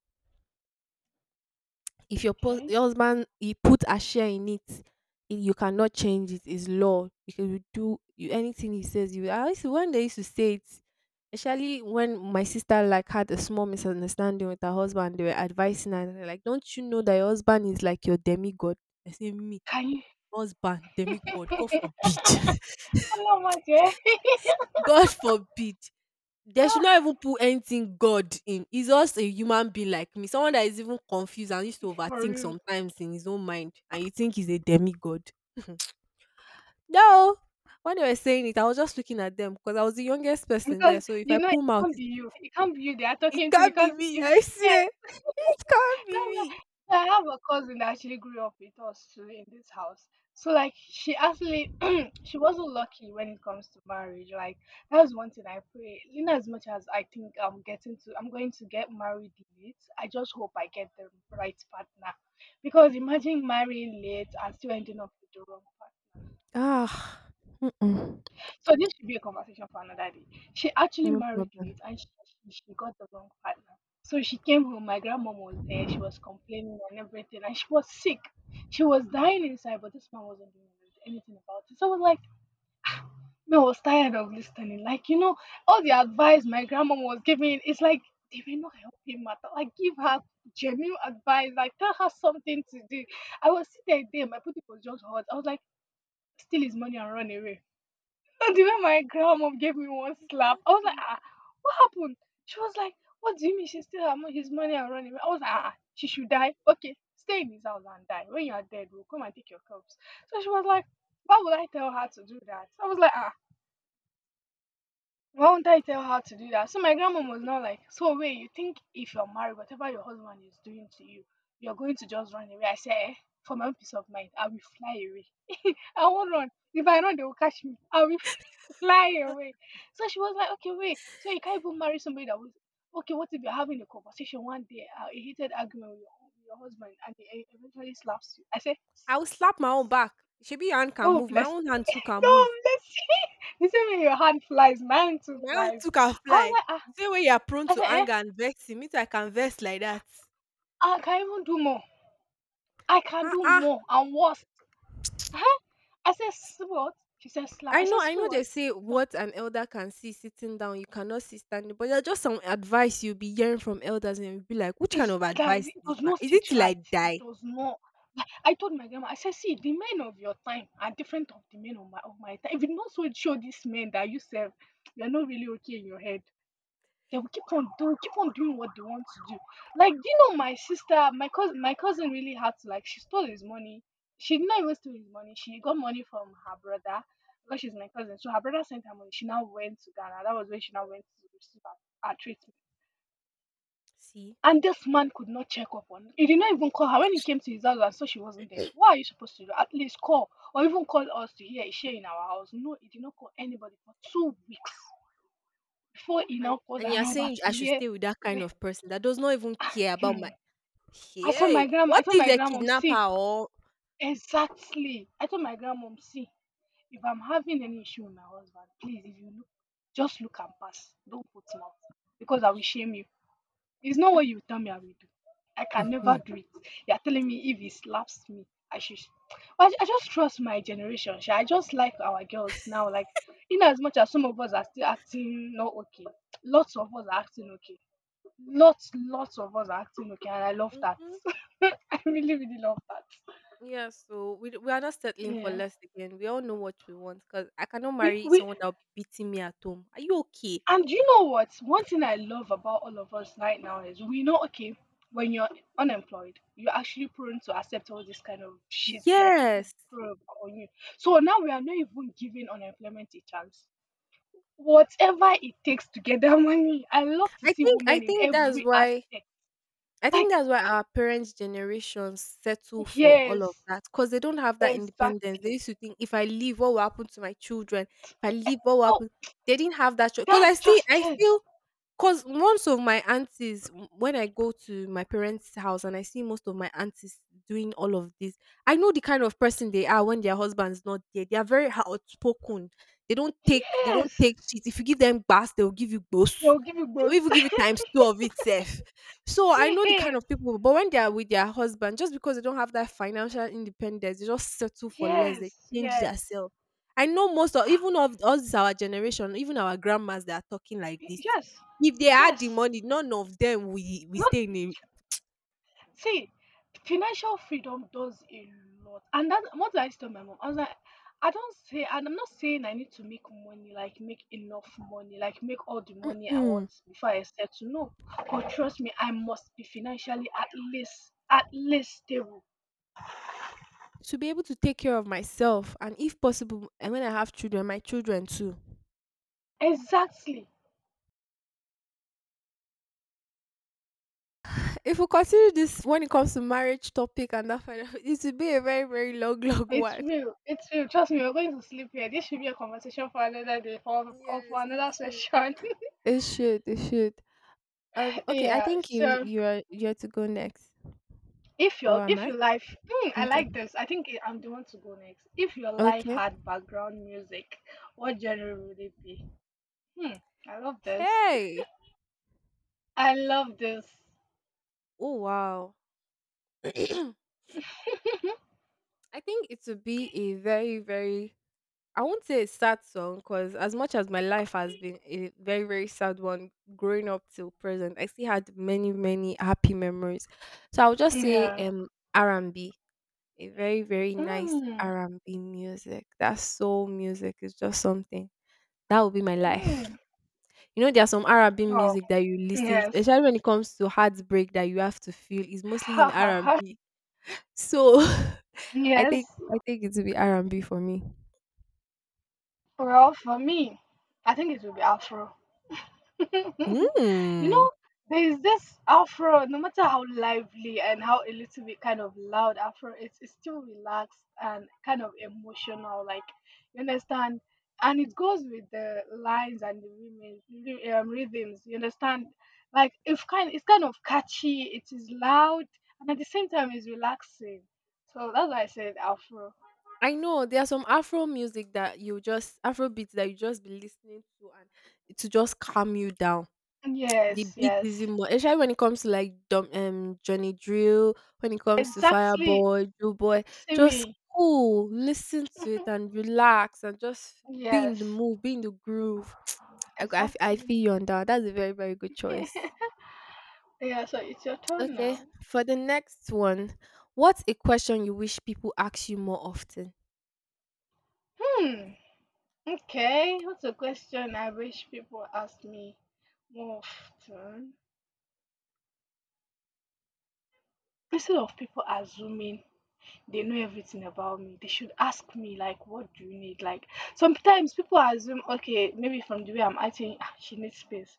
S1: If your pos-
S2: Okay.
S1: your husband he put a share in it, i- you cannot change it. It's law. You can do you, anything he says. You I used to, when they used to say it, especially when my sister like had a small misunderstanding with her husband. They were advising her and they're like, "Don't you know that your husband is like your demigod?" I say, "Me,
S2: Can you?
S1: husband, demigod. God
S2: Hello,
S1: forbid.
S2: my dear.
S1: God forbid." They should not
S2: Ah,
S1: even put anything God in. He's just a human being like me, someone that is even confused and used to
S2: for
S1: overthink
S2: real.
S1: sometimes in his own mind, and you think he's a demigod. No, when they were saying it, I was just looking at them because I was the youngest person
S2: Because
S1: there. So if I
S2: you know it
S1: pull mouth,
S2: can't
S1: it,
S2: be you. It can't be you they are
S1: it
S2: talking to
S1: can't be
S2: because
S1: me.
S2: if
S1: I
S2: yeah,
S1: swear, it can't be
S2: no, no.
S1: me.
S2: So, I have a cousin that actually grew up with us too in this house. So like she actually she wasn't lucky when it comes to marriage. Like that was one thing I pray. You know, as much as I think I'm getting to I'm going to get married late, I just hope I get the right partner. Because imagine marrying late and still ending up with the wrong partner.
S1: Ah, mm,
S2: So this should be a conversation for another day. She actually
S1: no
S2: married
S1: problem.
S2: late and she, she, she got the wrong partner. So she came home, my grandmom was there, she was complaining and everything, and she was sick. She was dying inside, but this man wasn't doing anything about it. So I was like, man, I was tired of listening. Like, you know, all the advice my grandmom was giving, it's like they were not helping matter. Like give her genuine advice, like tell her something to do. I was sitting there, my pussy was just hot. I was like, steal his money and run away. And the way my grandma gave me one slap, I was like,
S1: Exactly.
S2: ah, what happened? She was like, what do you mean she still have mon- his money and running away? I was like, ah, she should die. Okay, stay in his house and die. When you are dead, we'll come and take your corpse. So she was like, why would I tell her to do that? I was like, ah, why won't I tell her to do that? So my grandma was not like, so wait, you think if you're married, whatever your husband is doing to you, you're going to just run away? I said, eh, for my own peace of mind, I will fly away. I won't run. If I run, they will catch me. I will fly away. So she was like, okay, wait. So you can't even marry somebody that was okay. What if you're having a conversation one day, uh, a heated argument with your, with your husband, and he e- eventually slaps you? I said,
S1: I will slap my own back. Maybe your hand can
S2: oh
S1: move. My
S2: bless
S1: own
S2: you,
S1: hand too can move.
S2: oh bless you. The same way your hand flies, mine too
S1: My own
S2: flies.
S1: too can
S2: I was
S1: fly.
S2: like, ah.
S1: The same way you are prone
S2: I
S1: to
S2: said, eh,
S1: anger and vexing, me I can vex like that.
S2: I can even do more. I can
S1: Ah
S2: do
S1: ah.
S2: more and worse. Huh? I said, "S- what? She said, slap. I
S1: I know,
S2: said,
S1: I
S2: so
S1: know they
S2: what?
S1: say what an elder can see sitting down, you cannot see standing, but there's just some advice you'll be hearing from elders and you'll be like, which kind
S2: It's
S1: of
S2: guys,
S1: advice is
S2: it
S1: this
S2: does
S1: one?
S2: not
S1: Is it
S2: sit
S1: till I
S2: right. It
S1: die?
S2: does not. Like, I told my grandma, I said, see, the men of your time are different of the men of my of my time. If you not so show these men that you serve, you're not really okay in your head. They will keep on doing keep on doing what they want to do. Like, do you know my sister, my cousin my cousin really had to like she stole his money. She did not even steal his money. She got money from her brother because she's my cousin. So her brother sent her money. She now went to Ghana. That was when she now went to receive her, her treatment.
S1: See?
S2: And this man could not check up on he did not even call her when he came to his house and saw she wasn't there. What are you supposed to do? At least call or even call us to hear is she in our house? No, he did not call anybody for two weeks before he
S1: And
S2: now called
S1: and
S2: her
S1: you're
S2: number
S1: saying
S2: to
S1: I should
S2: hear.
S1: stay with that kind
S2: Where-
S1: of person that does not even care about
S2: hmm.
S1: my—
S2: I said
S1: hey.
S2: my grandma. I
S1: What
S2: told
S1: if
S2: my
S1: they
S2: grandmom,
S1: kidnap
S2: see
S1: her or—
S2: exactly. I told my grandmom, see if I'm having any issue with my husband, please if you look, just look and pass. Don't put mouth because I will shame you. It's not what you tell me I will do. I can never
S1: Mhm.
S2: do it. You're telling me if he slaps me, I should. I, I just trust my generation sha. I just like our girls now. Like, in as much as some of us are still acting not okay, lots of us are acting okay. Lots, lots of us are acting okay, and I love that.
S1: Mhm.
S2: I really, really love that.
S1: Yeah, so we d- we are not settling for
S2: Yeah,
S1: less again. We all know what we want, because I cannot
S2: we
S1: marry
S2: we
S1: someone that'll be beating me at home. Are you okay?
S2: and you know what? One thing I love about all of us right now is we know, okay, when you're unemployed, you're actually prone to accept all this kind of shit, like people
S1: Yes,
S2: probe on you. So now we are not even giving unemployment a chance. Whatever it takes to get that money, I love to
S1: I
S2: see
S1: think I
S2: women in
S1: think that's
S2: every
S1: why
S2: aspect.
S1: I think
S2: Like,
S1: that's why our parents' generations settle for all
S2: yes,
S1: of that, because they don't have that independence. They
S2: exactly.
S1: used to think, if I leave, what will happen to my children? If I
S2: Eh, eh,
S1: leave, what will
S2: oh,
S1: happen? They didn't have that choice. Because I
S2: that's
S1: see,
S2: just
S1: I
S2: it.
S1: feel, because most of my aunties, w- when I go to my parents' house and I see most of my aunties doing all of this, I know the kind of person they are when their husband's not there. They are very outspoken. They don't take, they don't
S2: Yes,
S1: take shit. If you give them bass, they will give you boss.
S2: they'll give you
S1: They will
S2: both.
S1: even give you times two of itself. So I know the kind
S2: Yes,
S1: of people, but when they are with their husband, just because they don't have that financial independence, they just settle for less. They
S2: yes,
S1: change
S2: yes.
S1: themselves. I know most of even of us our generation, even our grandmas that are talking like
S2: Y-
S1: this.
S2: yes,
S1: If they had the
S2: yes.
S1: money, none of them, we we
S2: Not
S1: stay in a—
S2: see, financial freedom does a lot, and that what did I tell my mom? I was like, I don't say, and I'm not saying I need to make money, like make enough money, like make all the money I
S1: Mm-mm.
S2: want before I settle. No, but trust me, I must be financially at least at least stable.
S1: To be able to take care of myself, and if possible, and when I have children, my children too.
S2: Exactly.
S1: If we consider this when it comes to marriage topic and that, kind of- it will be a very, very long long
S2: It's
S1: one.
S2: real. It's real. Trust me, we're going to sleep here. This should be a conversation for another day, for, or for
S1: Yes, it
S2: another
S1: should.
S2: session.
S1: It should. It should. Um, okay, I
S2: Yeah.
S1: think you
S2: So
S1: you're you're to go next.
S2: if
S1: Or
S2: your
S1: am
S2: if
S1: I?
S2: your life hmm, I
S1: Okay.
S2: like this, I think I'm the one to go next. If your life
S1: Okay.
S2: had background music, what genre would it be? Hmm, I love this.
S1: Hey!
S2: I love this.
S1: Oh, wow. I think it would be a very, very— I won't say a sad song, because as much as my life has been a very, very sad one growing up till present, I still had many, many happy memories. So I'll just say
S2: Yeah.
S1: um r and B, a very, very nice
S2: Mm,
S1: R and B music. That soul music is just something. That will be my life.
S2: mm.
S1: You know, there are some R and B
S2: Oh
S1: music that you listen to,
S2: yes.
S1: especially when it comes to heartbreak that you have to feel. It's mostly
S2: Ha
S1: in
S2: ha ha.
S1: R and B. So I
S2: Yes.
S1: think I think it will be R and B for me.
S2: Well for me, I think it would be afro. You
S1: Mm.
S2: know, there is this afro, no matter how lively and how a little bit kind of loud afro, it's, it's still relaxed and kind of emotional. Like, you understand? And it goes with the lines and the rhythms, ry- um, rhythms. You understand? Like, if kind, it's kind of catchy, it is loud, and at the same time, it's relaxing. So that's why I said afro.
S1: I know there are some Afro music that you just, Afro beats that you just be listening to, and to just calm you down. The
S2: Yes,
S1: beat
S2: yes.
S1: is in more especially when it comes to like Dom, um, Johnny Drill, when it comes to
S2: Exactly.
S1: Fireboy, Joe Boy, just
S2: Simi.
S1: cool, listen to it and relax and just be in the
S2: Yes,
S1: mood, be in the groove. I I g- I f- I feel
S2: exactly.
S1: you on that. That's a very, very good choice.
S2: Yeah, so it's your turn
S1: Okay,
S2: now.
S1: for the next one, what's a question you wish people ask you more often?
S2: Hmm. Okay. What's a question I wish people ask me more often? Instead of people assuming they know everything about me, they should ask me like, "What do you need?" Like sometimes people assume, okay, maybe from the way I'm acting, "Ah, she needs space.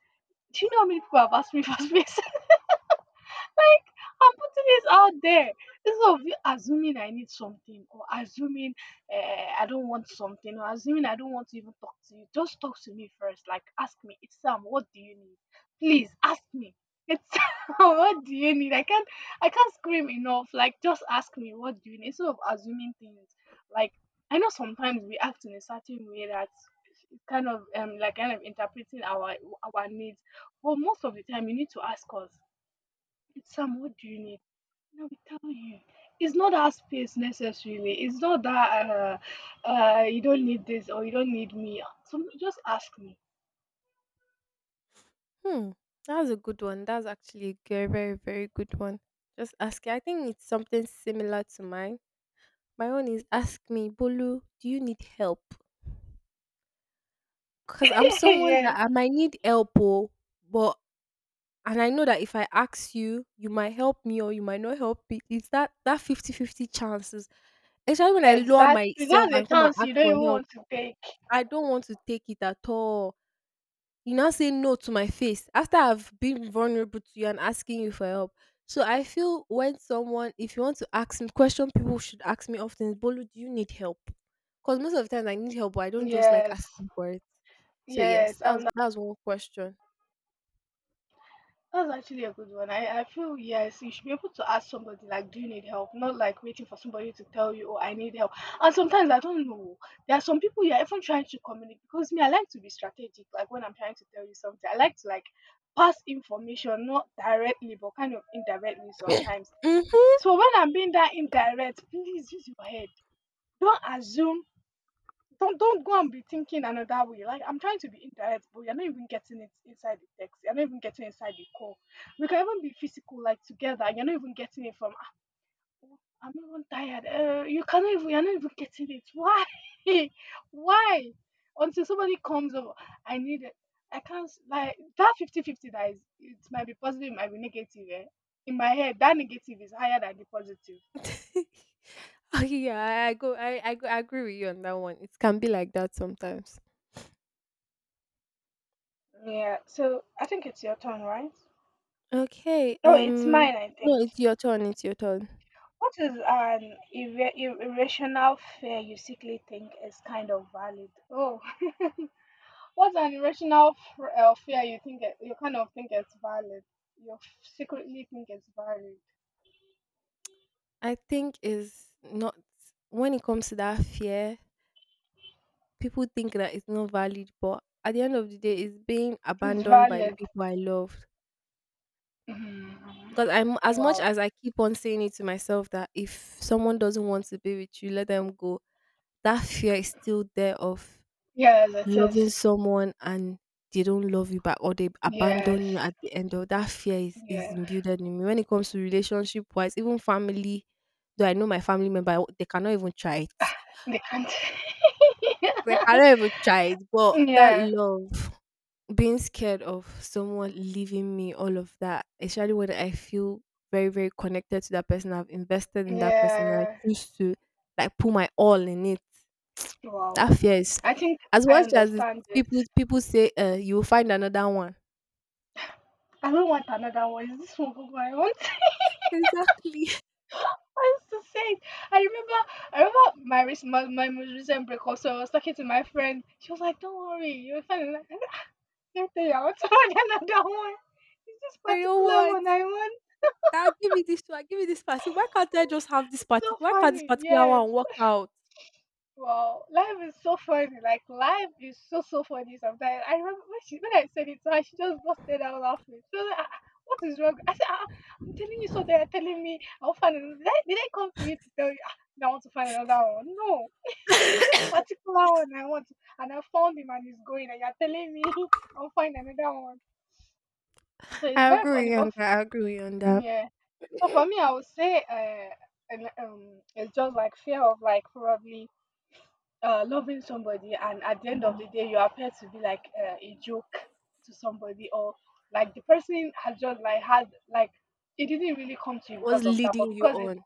S2: Do you know how many people have asked me for space? Like, I'm putting this out there. Instead of you assuming I need something or assuming uh, I don't want something or assuming I don't want to even talk to you, just talk to me first. Like, ask me, it's Sam, what do you need? Please ask me. It's what do you need? I can't, I can't scream enough. Like, just ask me, what do you need? Instead of assuming things, like, I know sometimes we act in a certain way that kind of um like kind of interpreting our our needs, but most of the time you need to ask us. It's Sam, what do you need? Let me tell you, it's not that space necessarily. It's not that uh, uh, you don't need this or you don't need me. So just ask me.
S1: Hmm, that's a good one. That's actually a very, very, very good one. Just ask. I think it's something similar to mine. My own is, ask me, Bolu, do you need help? Because I'm someone that
S2: Yeah,
S1: I might need help, oh, but and I know that if I ask you, you might help me or you might not help me. It's that that fifty fifty chances. Especially when I lower
S2: exactly.
S1: myself
S2: That's a
S1: and come and
S2: chance
S1: ask
S2: you don't
S1: for
S2: even
S1: help.
S2: want to take.
S1: I don't want to take it at all. You now say no to my face after I've been vulnerable to you and asking you for help. So I feel when someone, if you want to ask me question, people should ask me often is Bolu, do you need help? Because most of the times I need help, but I don't just like
S2: Yes,
S1: asking for it. So yes,
S2: yes.
S1: that's
S2: And
S1: that's one question.
S2: that's actually a good one. I, I feel yes, you should be able to ask somebody like, do you need help? Not like waiting for somebody to tell you, oh, I need help. And sometimes I don't know. There are some people you're even trying to communicate because me, I like to be strategic. Like when I'm trying to tell you something, I like to like pass information, not directly, but kind of indirectly sometimes.
S1: Mhm.
S2: So when I'm being that indirect, please use your head. Don't assume, don't don't go and be thinking another way. Like I'm trying to be indirect, but you're not even getting it inside the text. You're not even getting inside the call. We can even be physical, like together. You're not even getting it from. Ah, oh, I'm even tired. Uh, you cannot even. You're not even getting it. Why? Why? Until somebody comes over, I need it. I can't s- Like that fifty-fifty, that is. It might be positive, it might be negative. Eh? In my head, that negative is higher than the positive.
S1: Oh, yeah, I I go, I, I go, I agree with you on that one. It can be like that sometimes.
S2: Yeah. So I think it's your turn, right?
S1: Okay.
S2: Oh, it's
S1: Um.
S2: mine, I
S1: No,
S2: think.
S1: it's your turn. It's your turn.
S2: What is an irra- ir- irrational fear you secretly think is kind of valid? Oh, what's an irrational f- uh, fear you think it, you kind of think it's valid? You f- secretly think it's valid.
S1: I think is not when it comes to that fear. People think that it's not valid, but at the end of the day, it's being
S2: It's
S1: abandoned by the
S2: valid.
S1: people I loved.
S2: Hmm.
S1: Because I'm as much
S2: Wow.
S1: as I keep on saying it to myself that if someone doesn't want to be with you, let them go. That fear is still there of
S2: Yes, it
S1: loving
S2: is.
S1: someone and they don't love you back or they
S2: Yes.
S1: abandon you at the end of that fear is, is
S2: Yeah.
S1: imbued in me. When it comes to relationship wise, even family, though I know my family member, I- they cannot even try it.
S2: They can't.
S1: They cannot even try it. But that
S2: Yeah,
S1: love, being scared of someone leaving me, all of that, especially when I feel very, very connected to that person, I've invested in that person, and I
S2: yeah.
S1: choose to like put my all in it.
S2: Wow.
S1: That fear is,
S2: I think
S1: as
S2: I
S1: much as it's,
S2: understand this.
S1: people people say, uh, you will find another one.
S2: I don't want another one. Is this one good one I want?
S1: Exactly.
S2: That's the same. I remember, I remember my, rec- my my most recent break. So I was talking to my friend. She was like, "Don't worry, you're fine." I'm like, I can't tell you, I want to order another one. It's this
S1: I know
S2: particular
S1: what.
S2: one I want.
S1: Now give me this one, give me this particular. Why can't I just have this
S2: It's
S1: particular?
S2: so
S1: Why can't this
S2: funny.
S1: particular
S2: Yes.
S1: one work out?
S2: Wow, life is so funny. Like life is so so funny sometimes. I remember when she when I said it to her, she just busted out laughing. She was like, "Ah, ah, what is wrong?" I said, ah, ah, "I'm telling you something. You're telling me I'll find another. Did I, did I come to you to tell you ah, that I want to find another one? No, it's this particular one I want, and I found him and he's going, and you're telling me I'll find another one." So it's
S1: I
S2: very funny,
S1: agree on
S2: but
S1: that. I agree on that.
S2: yeah. So for me, I would say uh, an- um, it's just like fear of like probably uh, loving somebody and at the end of the day you appear to be like uh, a joke to somebody, or like the person has just like had like it didn't really come to you
S1: What's
S2: because of that, but
S1: leading you
S2: because it,
S1: on?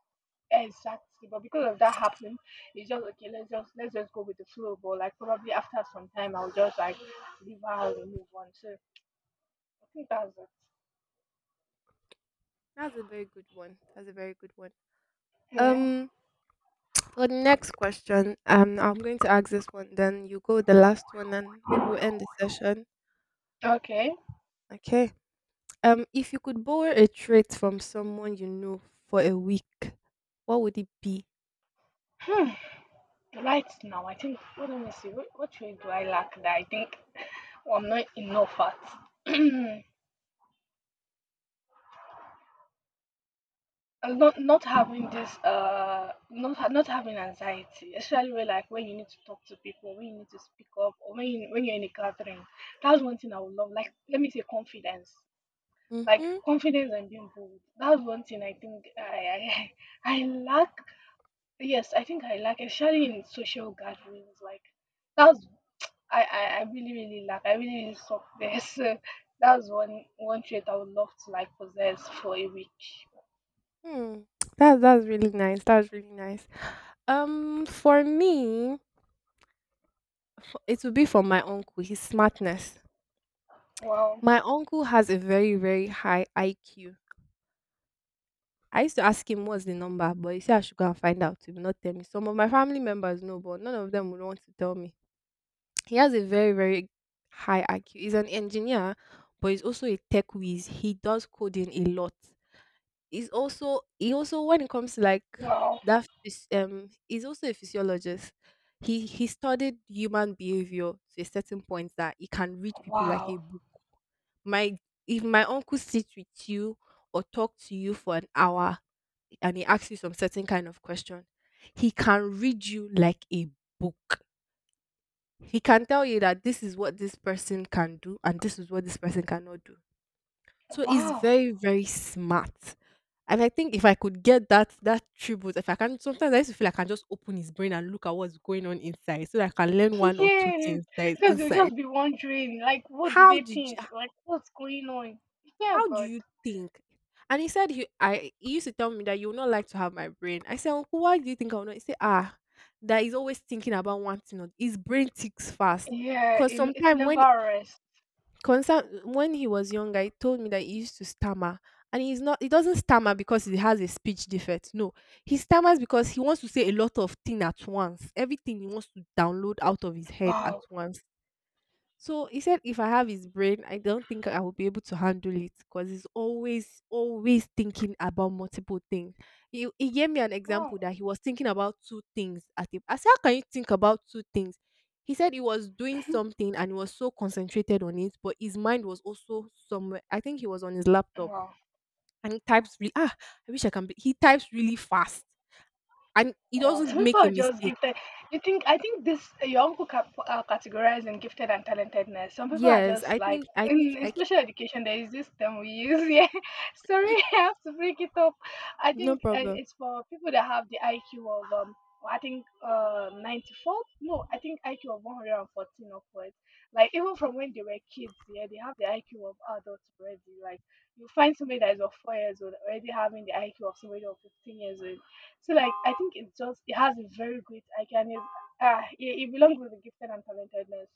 S2: exactly, but because of that happening it's just okay, let's just let's just go with the flow, but like probably after some time I'll just like leave her out and move on, so I think that's it.
S1: That's a very good one. That's a very good one.
S2: Yeah.
S1: Um, For the next question, um, I'm going to ask this one, then you go with the last one, and maybe we'll end the session.
S2: Okay.
S1: Okay. Um, if you could borrow a trait from someone you know for a week, what would it be?
S2: Hmm. Right now I think, what let me see what, what trait do I lack that I think well, I'm not enough at and not not having this uh not ha- not having anxiety, especially when, like, when you need to talk to people, when you need to speak up, or when you, when you're in a gathering. That's one thing I would love. Like, let me say confidence. Like
S1: Mm-hmm.
S2: confidence and being bold. That's one thing I think i i, I lack. Yes, I think I lack, especially in social gatherings like that's. i i, I really really lack, I really, really suck there. So that's one one trait I would love to, like, possess for a week.
S1: Hmm. That that's really nice. That's really nice. Um, for me, it would be from my uncle. His smartness.
S2: Wow.
S1: My uncle has a very very high I Q. I used to ask him what's the number, but he said I should go and find out. He will not tell me. Some of my family members know, but none of them would want to tell me. He has a very, very high I Q. He's an engineer, but he's also a tech whiz. He does coding a lot. He's also he also when it comes to like
S2: Wow.
S1: that phys- um he's also a physiologist. He he studied human behavior to a certain point that he can read people like
S2: Wow.
S1: a book. My if my uncle sits with you or talk to you for an hour and he asks you some certain kind of question, he can read you like a book. He can tell you that this is what this person can do and this is what this person cannot do. So he's
S2: Wow.
S1: very very smart, and I think if I could get that that tribute. If I can, sometimes I used to feel like I can just open his brain and look at what's going on inside so that I can learn one or two
S2: Yes.
S1: things that is
S2: Because you'll
S1: inside.
S2: just be wondering, like, what do
S1: how
S2: they
S1: did you
S2: think? Like, what's going on? Yeah,
S1: how do
S2: God.
S1: you think? And he said he i he used to tell me that you would not like to have my brain. I said, uncle, why do you think I would not? He said, ah, that he's always thinking about one thing or his brain ticks fast.
S2: Yeah,
S1: Because
S2: in, it's
S1: sometimes
S2: never
S1: when
S2: rest.
S1: Concern when he was young, I told me that he used to stammer, and he's not. He doesn't stammer because he has a speech defect. No, he stammers because he wants to say a lot of things at once. Everything he wants to download out of his head at
S2: Wow.
S1: once. So he said, if I have his brain, I don't think I will be able to handle it because he's always, always thinking about multiple things. He, he gave me an
S2: Wow.
S1: example that he was thinking about two things at a. I said, how can you think about two things? He said he was doing something and he was so concentrated on it, but his mind was also somewhere. I think he was on his laptop
S2: Wow.
S1: and he types really. Ah, I wish I can. Be, he types really fast and he
S2: Wow, some
S1: doesn't
S2: people
S1: make a
S2: are just
S1: mistake.
S2: gifted. You think, I think this your uncle cap, uh, categorized gifted and talentedness. Some people are
S1: Yes,
S2: just
S1: I
S2: like,
S1: think. I think.
S2: in, in
S1: I. Can,
S2: special education, there is this term we use. Yeah, sorry, I have to break it up. I
S1: no
S2: think uh,
S1: problem.
S2: it's for people that have the I Q of um, I think uh ninety-four. No, I think I Q of one hundred and fourteen upwards. Like, even from when they were kids, yeah, they have the I Q of adults already. Like you find somebody that is of four years old already having the I Q of somebody of fifteen years old, so like I think it just it has a very great icon. It's, ah, it, it belongs with the gifted and talentedness.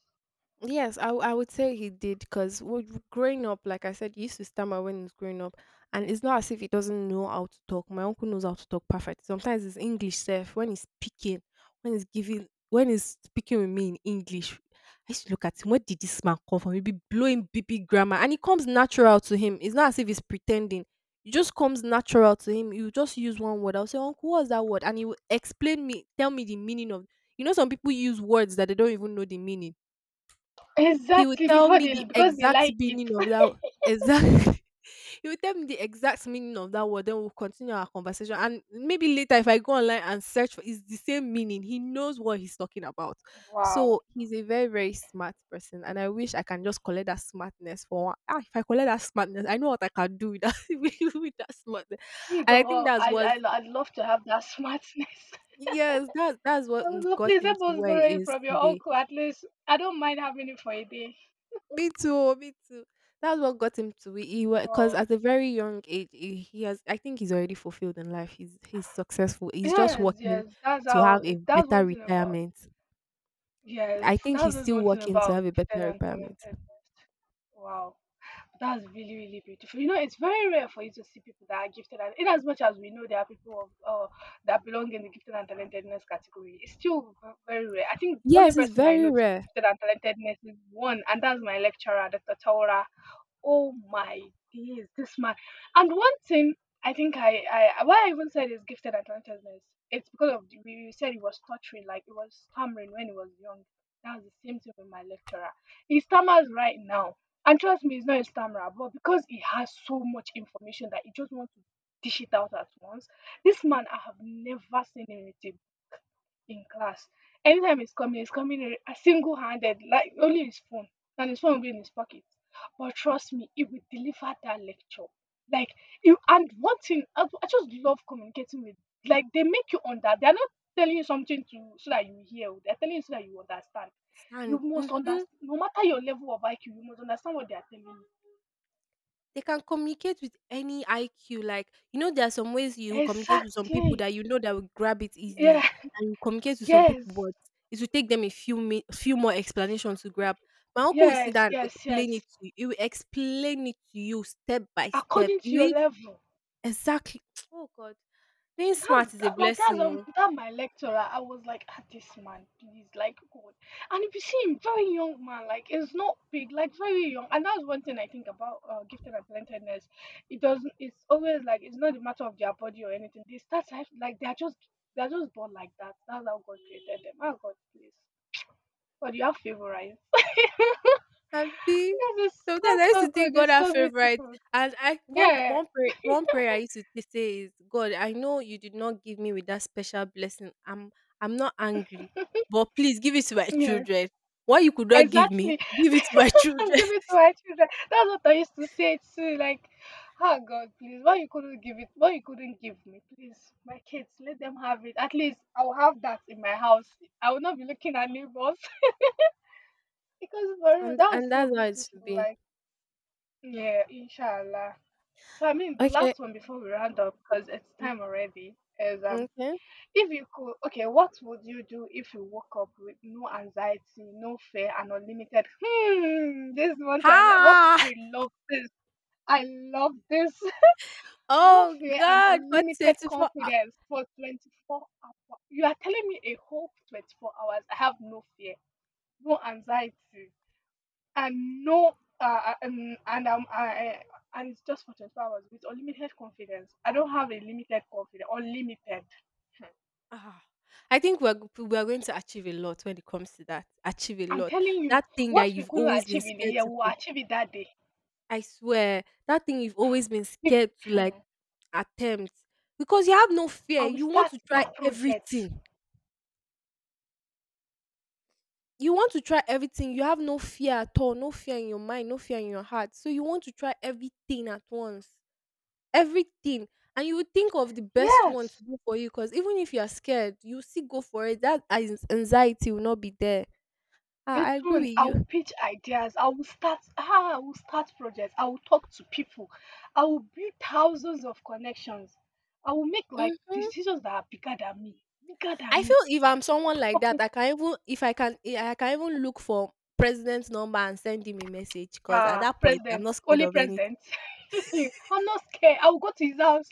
S1: Yes, I, w- I would say he did, because growing up, like I said, he used to stammer when he was growing up, and it's not as if he doesn't know how to talk. My uncle knows how to talk perfect. Sometimes his English self, when he's speaking, when he's giving, when he's speaking with me in English, I used to look at him. Where did this man come from? He'd be blowing B B grammar, and it comes natural to him. It's not as if he's pretending. It just comes natural to him. You just use one word. I'll say, uncle, what's that word? And he will explain me, tell me the meaning of. You know, some people use words that they don't even know the meaning. He would
S2: Exactly,
S1: tell
S2: before
S1: me
S2: they,
S1: the
S2: because they
S1: exact
S2: like it.
S1: meaning of that, exactly. He would tell me the exact meaning of that word, then we'll continue our conversation. And maybe later, if I go online and search for it's the same meaning. He knows what he's talking about.
S2: Wow.
S1: So he's a very, very smart person. And I wish I can just collect that smartness for one. Ah, if I collect that smartness, I know what I can do with that, with that smartness.
S2: Me
S1: And I think
S2: go.
S1: that's
S2: I
S1: what,
S2: I I'd love to have that smartness.
S1: yes, that that's what,
S2: I would
S1: mm,
S2: love,
S1: got
S2: please
S1: him
S2: help
S1: to
S2: us
S1: where
S2: borrow
S1: he
S2: it
S1: is
S2: from your
S1: today.
S2: uncle, at least. I don't mind having it for a day.
S1: Me too, oh, me too. That's what got him to it. He, because
S2: Wow.
S1: at a very young age, he he has. I think he's already fulfilled in life. He's he's successful. He's just
S2: Yes,
S1: working
S2: yes. That's
S1: to have
S2: how
S1: a
S2: it, that's
S1: better
S2: one thing about,
S1: retirement.
S2: yes,
S1: I think
S2: that's
S1: he's
S2: just
S1: still
S2: one thing
S1: working to
S2: about
S1: have a better
S2: gifted and
S1: retirement.
S2: talentedness. Wow. That's really, really beautiful. You know, it's very rare for you to see people that are gifted, and in as much as we know there are people of, uh, that belong in the gifted and talentedness category, it's still v- very rare. I think the only
S1: Yes, it's
S2: person I
S1: very
S2: know to be
S1: rare.
S2: gifted and talentedness is one, and that's my lecturer, Doctor Taura. Oh my days, this man. And one thing I think, I, I why I even said is gifted and talentedness. It's because of the- we we said he was stuttering, like he was stammering when he was young. That was the same thing with my lecturer. He stammers right now. And trust me, he's not a stammerer, but because he has so much information that he just wants to dish it out at once, this man, I have never seen him irritable in class. Anytime he's coming, he's coming single handed, like only his phone, and his phone will be in his pocket. But trust me, he will deliver that lecture. Like you, and one thing I, I just love communicating with. Like they make you under. They're not telling you something to, so that you hear. Oh, they're telling you so that you understand. You
S1: And
S2: must
S1: mhm.
S2: understand. No matter your level of I Q, you must understand what they are telling you.
S1: They can communicate with any I Q. Like, you know, there are some ways you communicate with some people
S2: Exactly.
S1: that you know that will grab it easily,
S2: Yeah.
S1: and you communicate with some people,
S2: Yes.
S1: but it will take them a few mi- few more explanations to grab. My uncle will sit
S2: Yes.
S1: down and
S2: Yes.
S1: explain it
S2: Yes.
S1: to you. He will explain it to you step by step.
S2: According
S1: You
S2: to your
S1: will
S2: level.
S1: exactly. Oh God, being smart
S2: That's
S1: is a
S2: that, like that's
S1: blessing,
S2: um
S1: oh.
S2: that my lecturer. I was like, ah, this man, please, like God. And if you see him, very young man, like it's not big, like very young. And that's one thing I think about uh, gifted and talentedness. It doesn't. It's always like it's not a matter of their body or anything. They start life like they're just they're just born like that. That's how God created them. Oh God, please. God, you have favorites.
S1: Abi.
S2: Yes, it's so
S1: Sometimes I used to
S2: so good.
S1: think God
S2: It's
S1: had
S2: so
S1: favorites,
S2: beautiful.
S1: and I one
S2: Yeah.
S1: one prayer one prayer I used to t- say is, God, I know you did not give me with that special blessing. I'm I'm not angry, but please give it to my
S2: Yeah, yeah.
S1: children. What you could not give me,
S2: Exactly.
S1: give it to my
S2: And
S1: children.
S2: give it to my children. That's what I used to say too. Like, oh God, please, why you couldn't give it? Why you couldn't give me? Please, my kids, let them have it. At least I'll have that in my house. I will not be looking at neighbors. Because for real,
S1: And
S2: that was
S1: and
S2: so
S1: that's how it should
S2: beautiful.
S1: be.
S2: Like, yeah, inshallah. So I mean, the
S1: Okay.
S2: last one before we round up because it's
S1: Mm,
S2: time already. Is, um,
S1: okay.
S2: if you could, okay, what would you do if you woke up with no anxiety, no fear, and unlimited? Hmm, this one I like. What,
S1: Ha!
S2: I love this. I love this. No
S1: Oh
S2: fear and
S1: God, what
S2: unlimited
S1: twenty-four hou-
S2: confidence for twenty-four hours. You are telling me a whole twenty-four hours. I have no fear, no anxiety, and no uh, uh, and and um, I, and it's just for twenty-four hours with unlimited confidence. I don't have a limited confidence. Unlimited. Hmm.
S1: ah, I think we're g- we are going to achieve a lot when it comes to that. Achieve a
S2: I'm
S1: lot.
S2: telling you,
S1: That thing that
S2: what we
S1: you've
S2: couldn't
S1: always been
S2: achieve in a
S1: scared
S2: year,
S1: to
S2: we will
S1: put.
S2: achieve it that day.
S1: I swear that thing you've always been
S2: Be-
S1: scared to like
S2: Mm.
S1: attempt, because you have no fear.
S2: I will
S1: You want
S2: start
S1: to try
S2: that project.
S1: everything. You want to try everything. You have no fear at all. No fear in your mind. No fear in your heart. So you want to try everything at once. Everything. And you would think of the best one to
S2: Yes.
S1: go for you because even if you are scared, you still go for it. That anx- anxiety will not be there. Ah,
S2: The
S1: I agree
S2: truth,
S1: with
S2: I will
S1: you.
S2: pitch ideas. I will start. Ah, I will start projects. I will talk to people. I will build thousands of connections. I will make like
S1: Mhm.
S2: decisions that are bigger than me, bigger
S1: I
S2: than
S1: feel
S2: me.
S1: if I'm someone like that, I can, even if I can eh, I can even look for president's number and send him a message because at
S2: Ah,
S1: that point I'm
S2: president,
S1: not scared
S2: only
S1: of anything.
S2: president. I'm not scared. I will go to his house.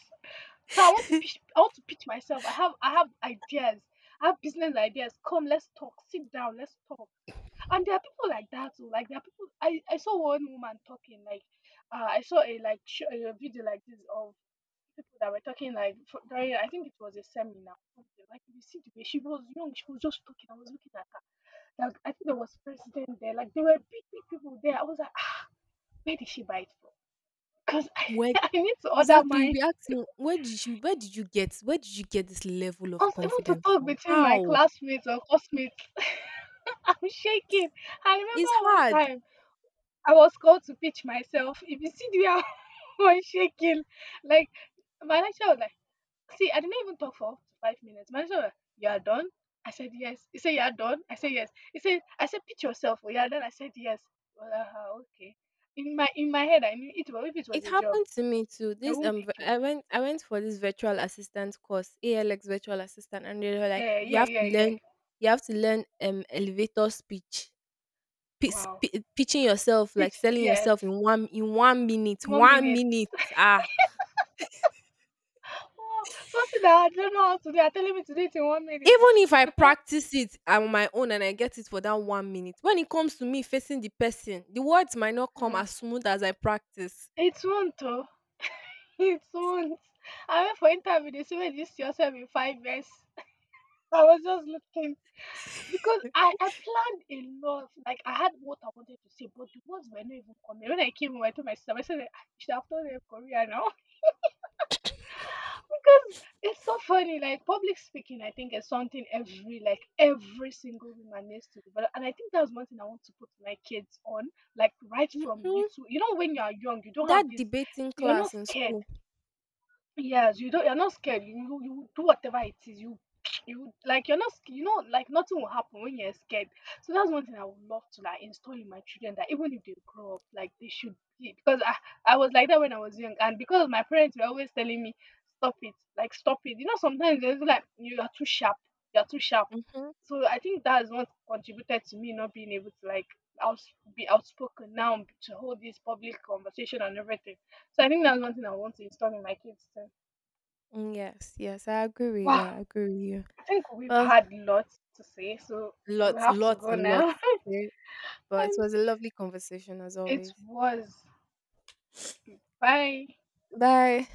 S2: So I want to pitch. I want to pitch myself. I have. I have ideas. I have business ideas. Come, let's talk. Sit down. Let's talk. And there are people like that too. Like there are people. I I saw one woman talking. Like, uh, I saw a like sh- a video like this of people that were talking like for, during. I think it was a seminar, something. Like you see the way she was young. She was just talking. I was looking at her. Like I think there was president there. Like there were big big people there. I was like, where did she buy it from? Because I,
S1: Where,
S2: I need to order
S1: exactly, you
S2: mine.
S1: be asking, where did you, where did you get where did you get this level of
S2: Also, even to
S1: confidence
S2: talk
S1: from?
S2: between my
S1: How?
S2: classmates or classmates, I'm shaking. I
S1: It's
S2: remember one
S1: hard.
S2: time I was called to pitch myself. If you see the way I was shaking, like my lecturer was like, see, I didn't even talk for up to five minutes. My lecturer was like, "You are done?" I said yes. He said, "You are done?" I said yes. He said, "I said pitch yourself. Oh, you are done?" I said yes. Well, uh, okay. In my in my head I knew it was if it was
S1: It
S2: a job,
S1: happened to me too.
S2: they
S1: This
S2: won't
S1: um
S2: pick
S1: v- I
S2: me.
S1: went, I went for this virtual assistant course, A L X virtual assistant, and they were like,
S2: Yeah,
S1: you
S2: yeah,
S1: have
S2: yeah,
S1: to
S2: yeah.
S1: learn, you have to learn um elevator speech. Pis
S2: Wow.
S1: pi Pitching yourself, like
S2: Pitch,
S1: selling
S2: yes.
S1: yourself in one in one minute,
S2: One
S1: one
S2: minute.
S1: minute, ah.
S2: Oh, something that I don't know how to do. You're telling me to do it in one minute.
S1: Even if I practice it on my own and I get it for that one minute, when it comes to me facing the person, the words might not come
S2: Hmm.
S1: as smooth as I practice.
S2: It won't, though. It won't. I went for interview. They said, "Well, you see yourself in five years." I was just looking because I, I planned a lot. Like I had what I wanted to say, but the words were not even coming. When I came home, I told my sister, I said, "I should have told them Korea now," because it's so funny. Like public speaking, I think is something every like every single woman needs to develop. And I think that's one thing I want to put my kids on, like right from
S1: Mhm.
S2: little. You know, when you are young, you don't have
S1: That
S2: this.
S1: debating
S2: You're not
S1: class in
S2: scared.
S1: school.
S2: Yes, you don't. You're not scared. You you, you do whatever it is. You you like you're not. sc- You know, like nothing will happen when you're scared. So that's one thing I would love to like install in my children that even if they grow up, like they should be because I I was like that when I was young, and because my parents were always telling me stop it, like stop it. You know, sometimes they like you are too sharp. You're too sharp.
S1: Mhm.
S2: So I think that is what contributed to me not being able to like out, be outspoken now to hold this public conversation and everything. So I think that's one thing I want to install in my kids.
S1: Mm, yes, yes, I agree with you.
S2: Wow,
S1: I agree with you.
S2: I think we've
S1: Well,
S2: had lots to say, so we
S1: lots,
S2: have to
S1: lots,
S2: go
S1: and lots
S2: now.
S1: to say, but it
S2: And
S1: was a lovely conversation as
S2: it
S1: always.
S2: was bye.
S1: Bye.